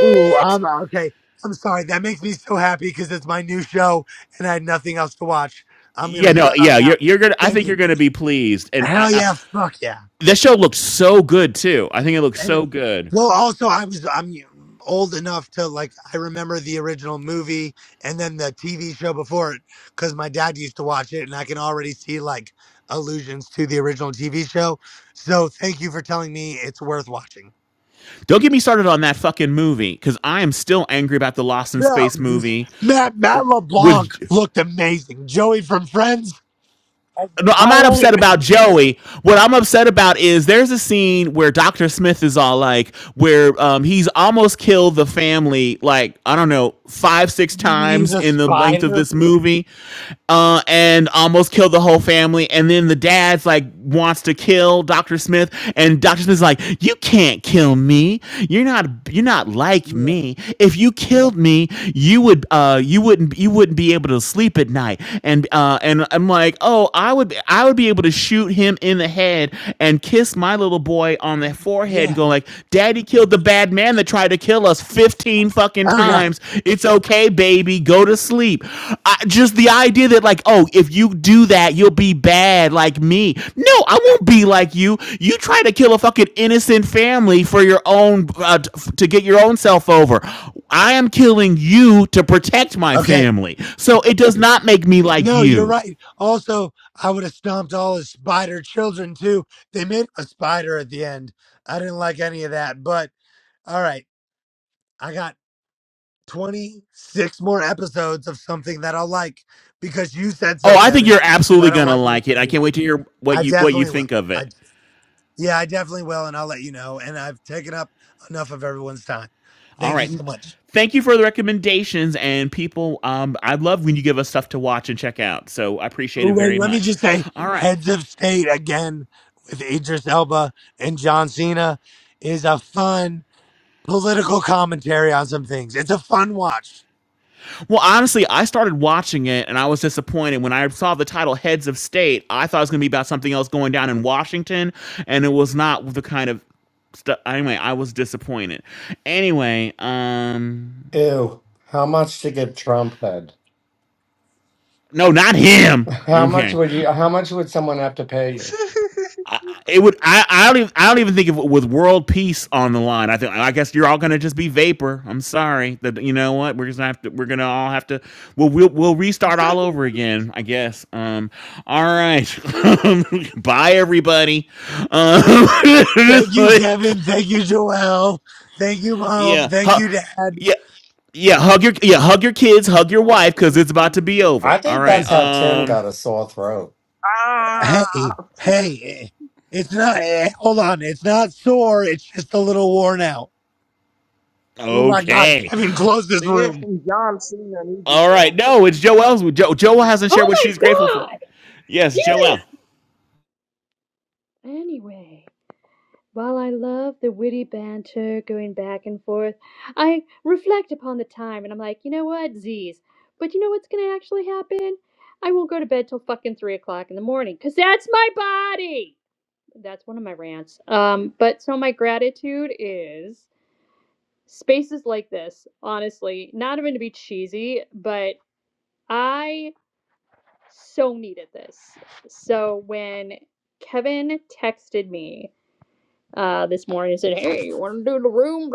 Ooh, I'm okay. I'm sorry. That makes me so happy because it's my new show and I had nothing else to watch. I'm gonna
Yeah, no,
shut up
yeah, you're
now.
you're gonna. I
Thank
think you're
you.
gonna be pleased, and I,
Hell
I
yeah, fuck yeah.
this show looked so good too. I think it looked
and
so good.
well also i was i'm old enough to like i remember the original movie and then the tv show before it because my dad used to watch it and i can already see like allusions to the original tv show so thank you for telling me it's worth watching
Don't get me started on that fucking movie because I am still angry about the Lost in
yeah,
Space movie
matt matt leblanc
with
looked amazing joey from friends as the
no, I'm not
pilot
upset about Joey. What I'm upset about is there's a scene where Dr. Smith is all like, where um, he's almost killed the family, like, I don't know, five, six
you mean when he's
times
a
in the length of
spider
this movie, uh, and almost killed the whole family. And then the dad's like, wants to kill Dr. Smith. And Dr. Smith's like, you can't kill me. You're not, you're not like
yeah
me. If you killed me, you would, uh, you wouldn't, you wouldn't be able to sleep at night. And, uh, and I'm like, like, oh, I would I would be able to shoot him in the head and kiss my little boy on the forehead and
yeah
go like, Daddy killed the bad man that tried to kill us 15 fucking
okay
times. It's okay, baby. Go to sleep. I, just the idea that like, oh, if you do that, you'll be bad like me. No, I won't be like you. You try to kill a fucking innocent family for your own uh, to get your own self over. I am killing you to protect my
okay
family. So it does not make me like
No, you're
you.
right. Also, I would have stomped all his spider children too. They made a spider at the end. I didn't like any of that. But all right, I got 26 more episodes of something that I'll like because you said
Oh,
so,
I think
Kevin.
you're
If I
absolutely
don't
gonna
like it,
like
it's
it.
on
I
you.
can't wait to hear what
I
you what you
definitely will.
think of
I
it.
yeah, I definitely will, and I'll let you know. And I've taken up enough of everyone's time.
All
Thank you
right.
so much.
Thank you for the recommendations and people. Um, I love when you give us stuff to watch and check out. So I appreciate it
Wait,
very
let me
much.
just say
All right.
heads of state again with Idris Elba and John Cena is a fun political commentary on some things. It's a fun watch.
Well, honestly, I started watching it and I was disappointed when I saw the title "Heads of State." I thought it was going to be about something else going down in Washington, and it was not the kind of stuff. Anyway, I was disappointed. Anyway, um,
Ew, how much to get Trump head?
no, not him.
How much
Okay.
would you how much would someone have to pay you?
I- it would I, I don't even I don't even think of it with world peace on the line. I think I guess you're all gonna just be vapor. I'm sorry that you know what we're just gonna have to we're gonna all have to we'll we'll, we'll restart all over again. I guess. Um. All right. Bye everybody. Um.
Thank you, Kevin. Thank you, Joel. Thank you, Mom.
yeah.
Thank
Huh,
you, Dad.
yeah. Yeah. Hug your yeah hug your kids. Hug your wife because it's about to be
um,
over.
I
All
think
right.
that's how Tim
Um.
got a sore throat.
Ah,
Hey, hey, eh, it's not, eh, hold on. It's not sore. It's just a little worn out. Oh my God,
Okay.
Kevin, close this
yeah,
room.
from Easy
All right.
Sell
No, it's Joelle's. Jo, Joelle hasn't shared
Oh
what she's
my
grateful for.
god!
Yes, Joel.
Serious! Anyway. While I love the witty banter going back and forth, I reflect upon the time and I'm like, you know what, Z's. But you know what's gonna actually happen? I won't go to bed till fucking three o'clock in the morning, cause that's my body. That's one of my rants. Um, but so my gratitude is spaces like this. Honestly, not even to be cheesy, but I so needed this. So when Kevin texted me uh, this morning and said, "Hey, you want to do the room?"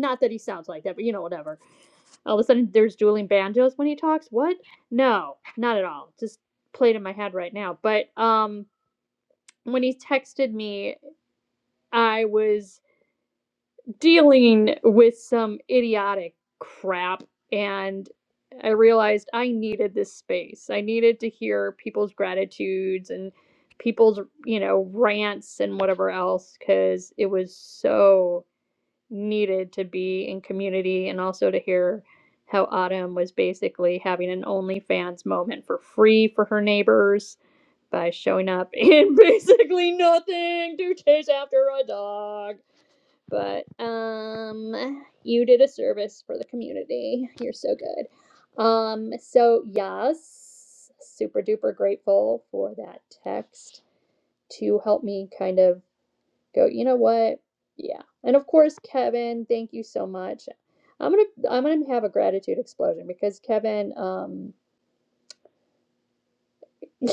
Not that he sounds like that, but you know, whatever. All of a sudden, there's dueling banjos when he talks. What? No, not at all. Just played in my head right now. But um, when he texted me, I was dealing with some idiotic crap and I realized I needed this space. I needed to hear people's gratitudes and people's, you know, rants and whatever else cuz it was so needed to be in community and also to hear how Autumn was basically having an OnlyFans moment for free for her neighbors by showing up in basically nothing to chase after a dog but um you did a service for the community you're so good um so yes super duper grateful for that text to help me kind of go you know what yeah and of course kevin thank you so much i'm gonna i'm gonna have a gratitude explosion because kevin um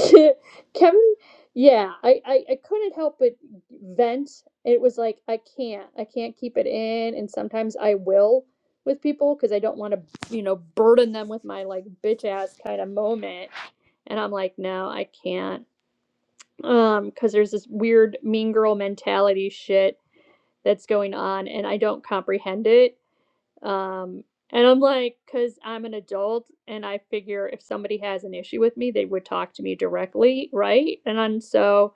Kevin, yeah, I, I, I couldn't help but vent. It was like I can't, I can't keep it in, and sometimes I will with people because I don't want to, you know, burden them with my like bitch ass kind of moment. And I'm like, no, I can't, um, because there's this weird mean girl mentality shit that's going on, and I don't comprehend it um, and I'm like, because I'm an adult and I figure if somebody has an issue with me, they would talk to me directly, right? And then so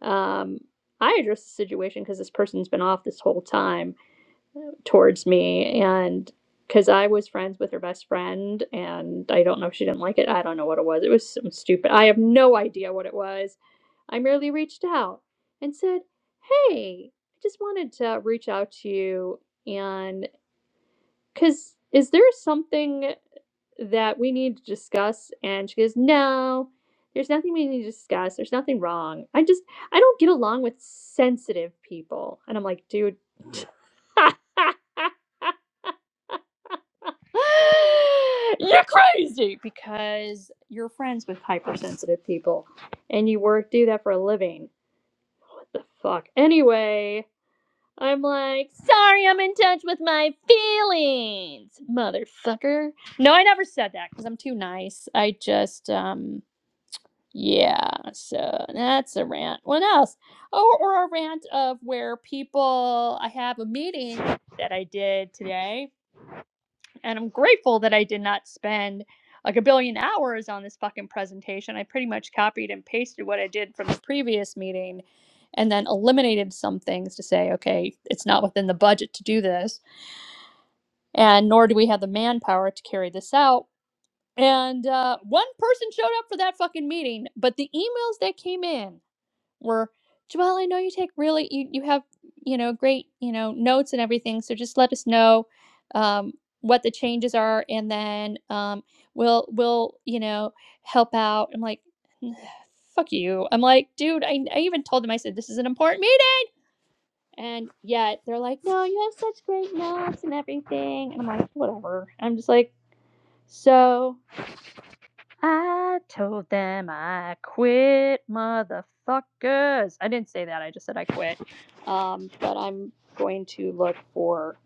um, I address the situation because this person's been off this whole time towards me. And because I was friends with her best friend and I don't know if she didn't like it. I don't know what it was. It was some stupid, I have no idea what it was. I merely reached out and said, Hey, I just wanted to reach out to you and." Because is there something that we need to discuss? And she goes, No, there's nothing we need to discuss. There's nothing wrong. I just, I don't get along with sensitive people. And I'm like, Dude, you're crazy because you're friends with hypersensitive people and you work, do that for a living. What the fuck? Anyway, I'm like, sorry, I'm in touch with my feelings, motherfucker. No, I never said that because I'm too nice. I just, um, yeah. So that's a rant. What else? Oh, or a rant of where people. I have a meeting that I did today and I'm grateful that I did not spend like a billion hours on this fucking presentation. I pretty much copied and pasted what I did from the previous meeting and then eliminated some things to say, okay, it's not within the budget to do this. And nor do we have the manpower to carry this out. And uh, one person showed up for that fucking meeting, but the emails that came in were, Jamal. I know you take really you you have, you know, great, you know, notes and everything, so just let us know um what the changes are and then um we'll we'll, you know, help out." I'm like, "Fuck you." I'm like, "Dude, I I even told them I said this is an important meeting." And yet they're like, "No, you have such great notes and everything." And I'm like, "Whatever." I'm just like, "So, I told them I quit, motherfuckers. I didn't say that. I just said I quit. Um, but I'm going to look for.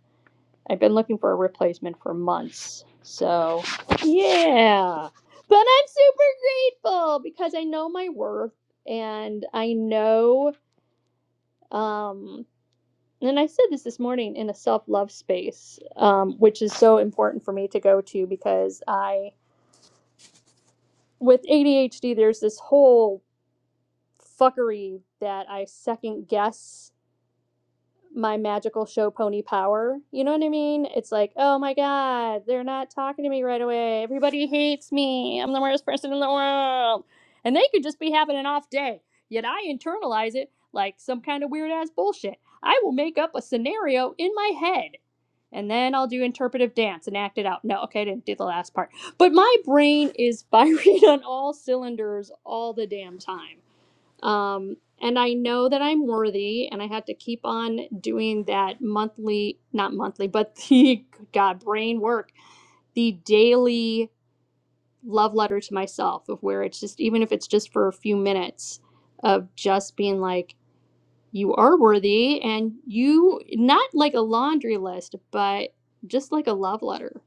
I've been looking for a replacement for months. So, yeah. But I'm super grateful because I know my worth and I know. Um, and I said this this morning in a self love space, um, which is so important for me to go to because I with ADHD, there's this whole fuckery that I second guess my magical show pony power. You know what I mean? It's like, oh my god, they're not talking to me right away. Everybody hates me. I'm the worst person in the world. And they could just be having an off day. Yet I internalize it like some kind of weird ass bullshit. I will make up a scenario in my head and then I'll do interpretive dance and act it out. No, okay, I didn't do the last part. But my brain is firing on all cylinders all the damn time um, and I know that I'm worthy, and I had to keep on doing that monthly, not monthly, but the God brain work, the daily love letter to myself of where it's just, even if it's just for a few minutes, of just being like, you are worthy, and you, not like a laundry list, but just like a love letter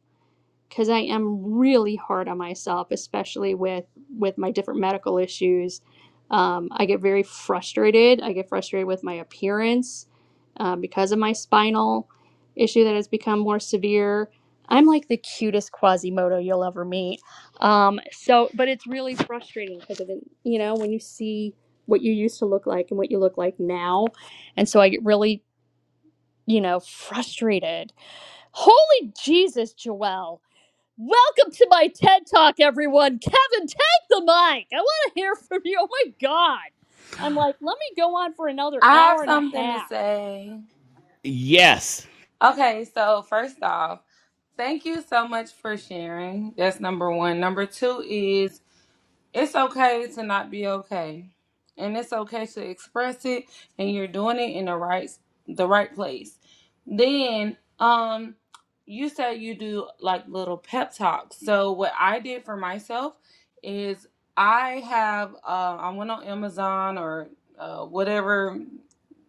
because I am really hard on myself, especially with with my different medical issues. Um, I get very frustrated. I get frustrated with my appearance um, because of my spinal issue that has become more severe. I'm like the cutest Quasimodo you'll ever meet. Um, so, but it's really frustrating because of it, you know when you see what you used to look like and what you look like now, and so I get really you know frustrated. Holy Jesus, Joelle! Welcome to my TED Talk, everyone. Kevin, take the mic. I want to hear from you. Oh my God. I'm like, let me go on for another
have
hour and a
something to
half.
say.
Yes.
Okay, so first off, thank you so much for sharing. That's number one. Number two is it's okay to not be okay and it's okay to express it and you're doing it in the right the right place then um you said you do like little pep talks so what i did for myself is i have uh, i went on amazon or uh, whatever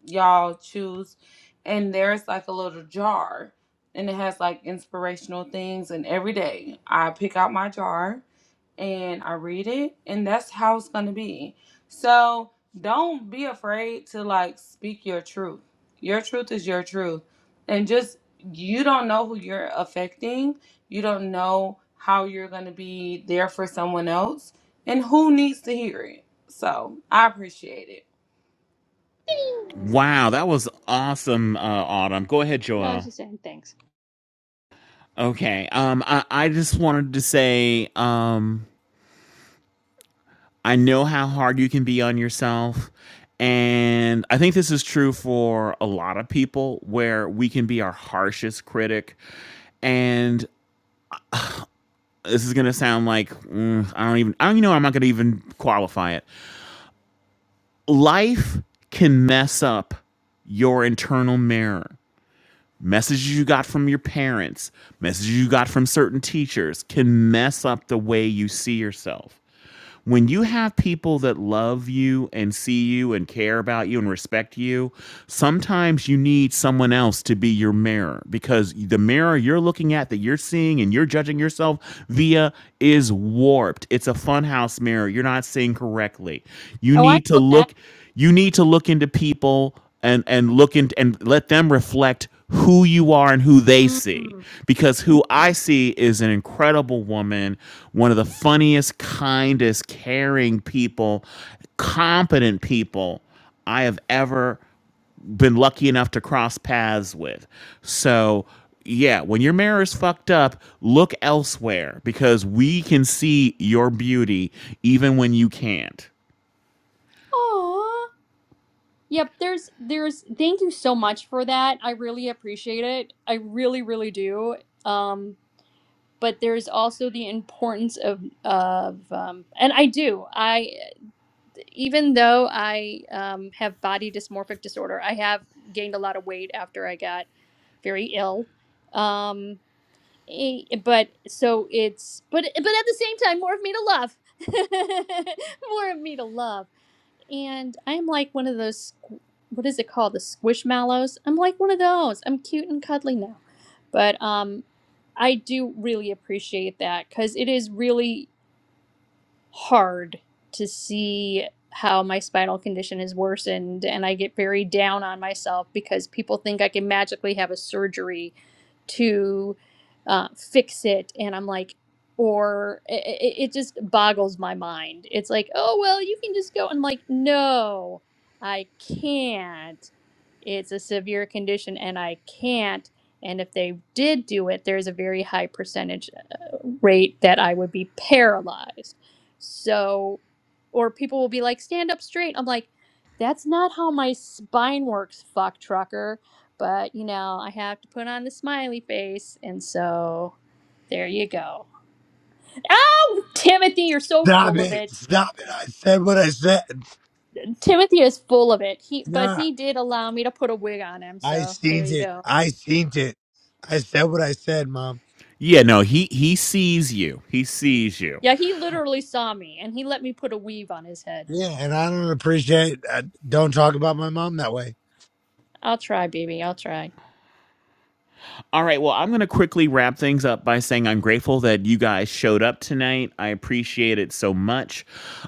y'all choose and there's like a little jar and it has like inspirational things and every day i pick out my jar and I read it, and that's how it's gonna be. So don't be afraid to like speak your truth. Your truth is your truth, and just you don't know who you're affecting. You don't know how you're gonna be there for someone else, and who needs to hear it. So I appreciate it.
Thanks.
Wow, that was awesome, uh, Autumn. Go ahead,
No, I was
Joel.
just saying thanks.
Okay. Um, I, I just wanted to say, um, I know how hard you can be on yourself. And I think this is true for a lot of people where we can be our harshest critic. And this is going to sound like mm, I don't even, I don't even know, I'm not going to even qualify it. Life can mess up your internal mirror. messages you got from your parents, messages you got from certain teachers can mess up the way you see yourself. When you have people that love you and see you and care about you and respect you, sometimes you need someone else to be your mirror because the mirror you're looking at that you're seeing and you're judging yourself via is warped. It's a funhouse mirror. You're not seeing correctly. You
Oh, I
need to
know that.
look you need to look into people and and look into and let them reflect who you are and who they see
Mm.
because who i see is an incredible woman one of the funniest kindest caring people competent people i have ever been lucky enough to cross paths with so yeah when your mirror is fucked up look elsewhere because we can see your beauty even when you can't
Aw. Yep, there's, there's, thank you so much for that. I really appreciate it. I really, really do. Um, but there's also the importance of, of, um, and I do. I. even though I um, have body dysmorphic disorder, I have gained a lot of weight after I got very ill. Um, e- but so it's but but at the same time, more of me to love, more of me to love, and I'm like one of those squ- what is it called the squishmallows? I'm like one of those. I'm cute and cuddly now, but um, I do really appreciate that because it is really hard to see how my spinal condition is worsened and I get very down on myself because people think I can magically have a surgery to uh, fix it and I'm like or it, it just boggles my mind. It's like, oh well, you can just go. I'm like, no, I can't. It's a severe condition and I can't. And if they did do it, there's a very high percentage uh, rate that I would be paralyzed. So, or people will be like, stand up straight. I'm like, that's not how my spine works, fuck trucker. But, you know, I have to put on the smiley face. And so there you go. Oh, Timothy, you're so
Stop
full of
it.
it.
Stop it. I said what I said.
Timothy is full of it. He, but
Nah.
he did allow me to put a wig on him.
I
So there
seen
you
it.
go.
I seen it. I said what I said, mom.
Yeah, no, he he sees you. He sees you.
Yeah, he literally saw me and he let me put a weave on his head.
Yeah, and I don't appreciate. Uh, don't talk about my mom that way.
I'll try, baby. I'll try.
All right, well, I'm going to quickly wrap things up by saying I'm grateful that you guys showed up tonight. I appreciate it so much.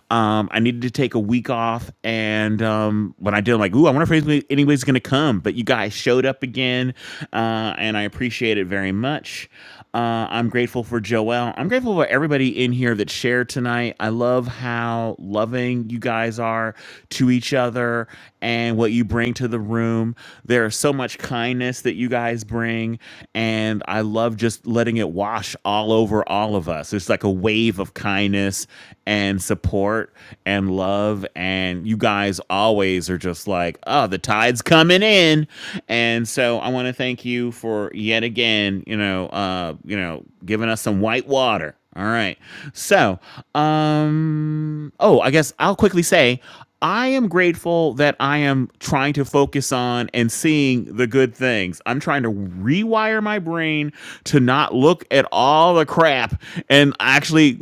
Um, I needed to take a week off, and um, when I did, I'm like, ooh, I wonder if anybody- anybody's going to come. But you guys showed up again, uh, and I appreciate it very much. Uh, I'm grateful for Joelle. I'm grateful for everybody in here that shared tonight. I love how loving you guys are to each other and what you bring to the room. There's so much kindness that you guys bring, and I love just letting it wash all over all of us. It's like a wave of kindness and support and love, and you guys always are just like, oh, the tide's coming in, and so I want to thank you for yet again, you know, uh, you know, giving us some white water all right. So, um, oh, I guess I'll quickly say I am grateful that I am trying to focus on and seeing the good things. I'm trying to rewire my brain to not look at all the crap and actually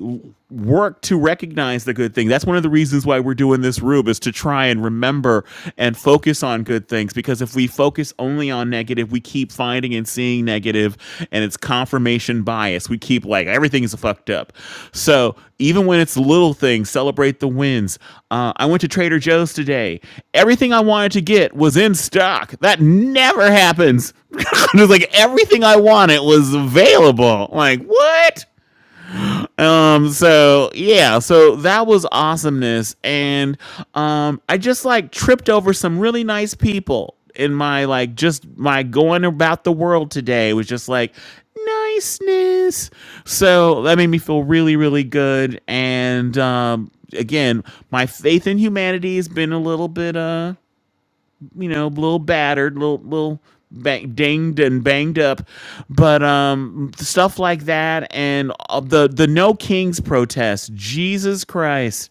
work to recognize the good thing. That's one of the reasons why we're doing this rube is to try and remember and focus on good things because if we focus only on negative, we keep finding and seeing negative and it's confirmation bias. We keep like everything's fucked up. So, even when it's little things, celebrate the wins. Uh, I went to Trader Joe's today. Everything I wanted to get was in stock. That never happens. it was like everything I wanted was available. Like, what? um so yeah so that was awesomeness and um i just like tripped over some really nice people in my like just my going about the world today was just like niceness so that made me feel really really good and um again my faith in humanity has been a little bit uh you know, a little battered, little little bang, dinged and banged up, but um, stuff like that, and uh, the the No Kings protest. Jesus Christ,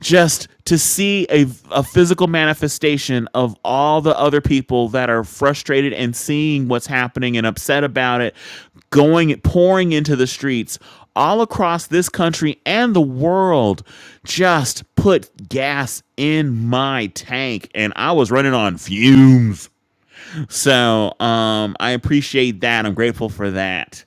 just to see a a physical manifestation of all the other people that are frustrated and seeing what's happening and upset about it going pouring into the streets all across this country and the world just put gas in my tank and i was running on fumes so um, I appreciate that. I'm grateful for that.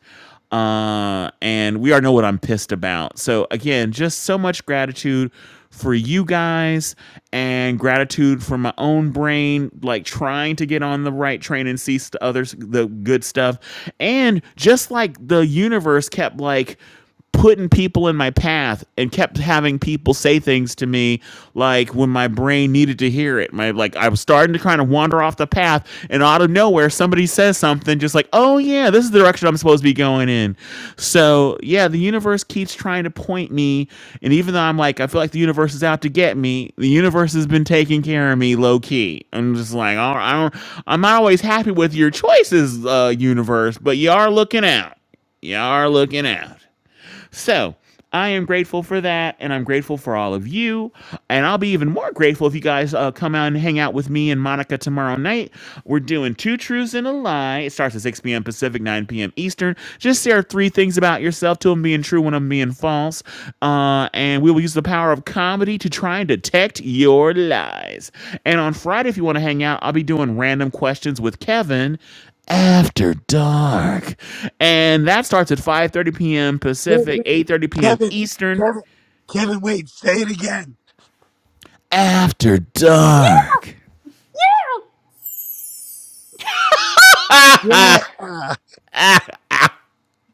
Uh, and we already know what I'm pissed about. So again, just so much gratitude for you guys and gratitude for my own brain like trying to get on the right train and see st- others the good stuff and just like the universe kept like putting people in my path and kept having people say things to me like when my brain needed to hear it. My like I was starting to kind of wander off the path and out of nowhere somebody says something just like, "Oh yeah, this is the direction I'm supposed to be going in." So, yeah, the universe keeps trying to point me and even though I'm like I feel like the universe is out to get me, the universe has been taking care of me low key. I'm just like, "All right, I don't, I'm not always happy with your choices, uh universe, but you are looking out. You are looking out." So I am grateful for that, and I'm grateful for all of you. And I'll be even more grateful if you guys uh, come out and hang out with me and Monica tomorrow night. We're doing Two Truths and a Lie. It starts at 6 p.m. Pacific, 9 p.m. Eastern. Just share three things about yourself, two of them being true, one of them being false. Uh, and we will use the power of comedy to try and detect your lies. And on Friday, if you want to hang out, I'll be doing random questions with Kevin after Dark. And that starts at 5:30 p.m.
Wait,
Pacific,
wait,
8:30 p.m.
Kevin,
Eastern.
Kevin, Kevin. Wait, say it again.
After Dark.
Yeah,
Ah, ah.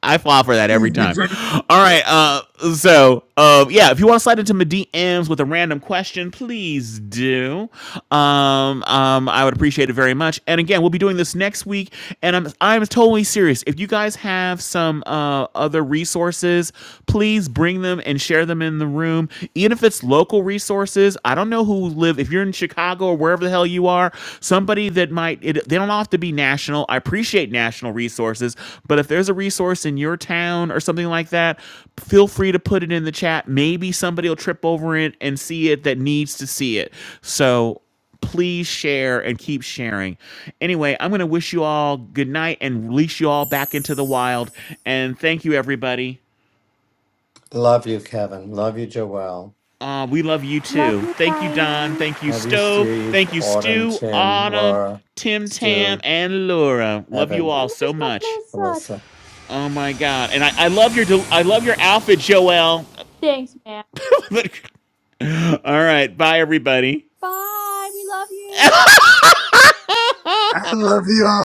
I fall for that every
please
time.
continue.
All right. Uh, so, uh, yeah, if you want to slide into my DMs with a random question, please do. Um, um, I would appreciate it very much. And again, we'll be doing this next week. And I'm I'm totally serious. If you guys have some uh, other resources, please bring them and share them in the room. Even if it's local resources, I don't know who live. If you're in Chicago Chicago or wherever the hell you are, somebody that might, it, they don't have to be national. I appreciate national resources, but if there's a resource in your town or something like that, feel free to put it in the chat. Maybe somebody will trip over it and see it that needs to see it. So please share and keep sharing. Anyway, I'm going to wish you all good night and release you all back into the wild. And thank you, everybody.
Love you, Kevin. Love you, Joelle.
Uh, we love you
Love
too.
you
Thank you, Don.
guys.
Thank you,
Love you,
Stowe.
Steve,
Thank you,
Autumn,
Stu,
Tim,
Autumn,
Laura,
Tim Tam,
Stu,
and Laura. Love you
Evan,
all
And
so
there's
much.
Melissa.
Melissa.
Oh my God. And I, I love your del- I love your outfit, Joelle.
Thanks, man.
all right. Bye everybody.
Bye. We love you.
I love you all.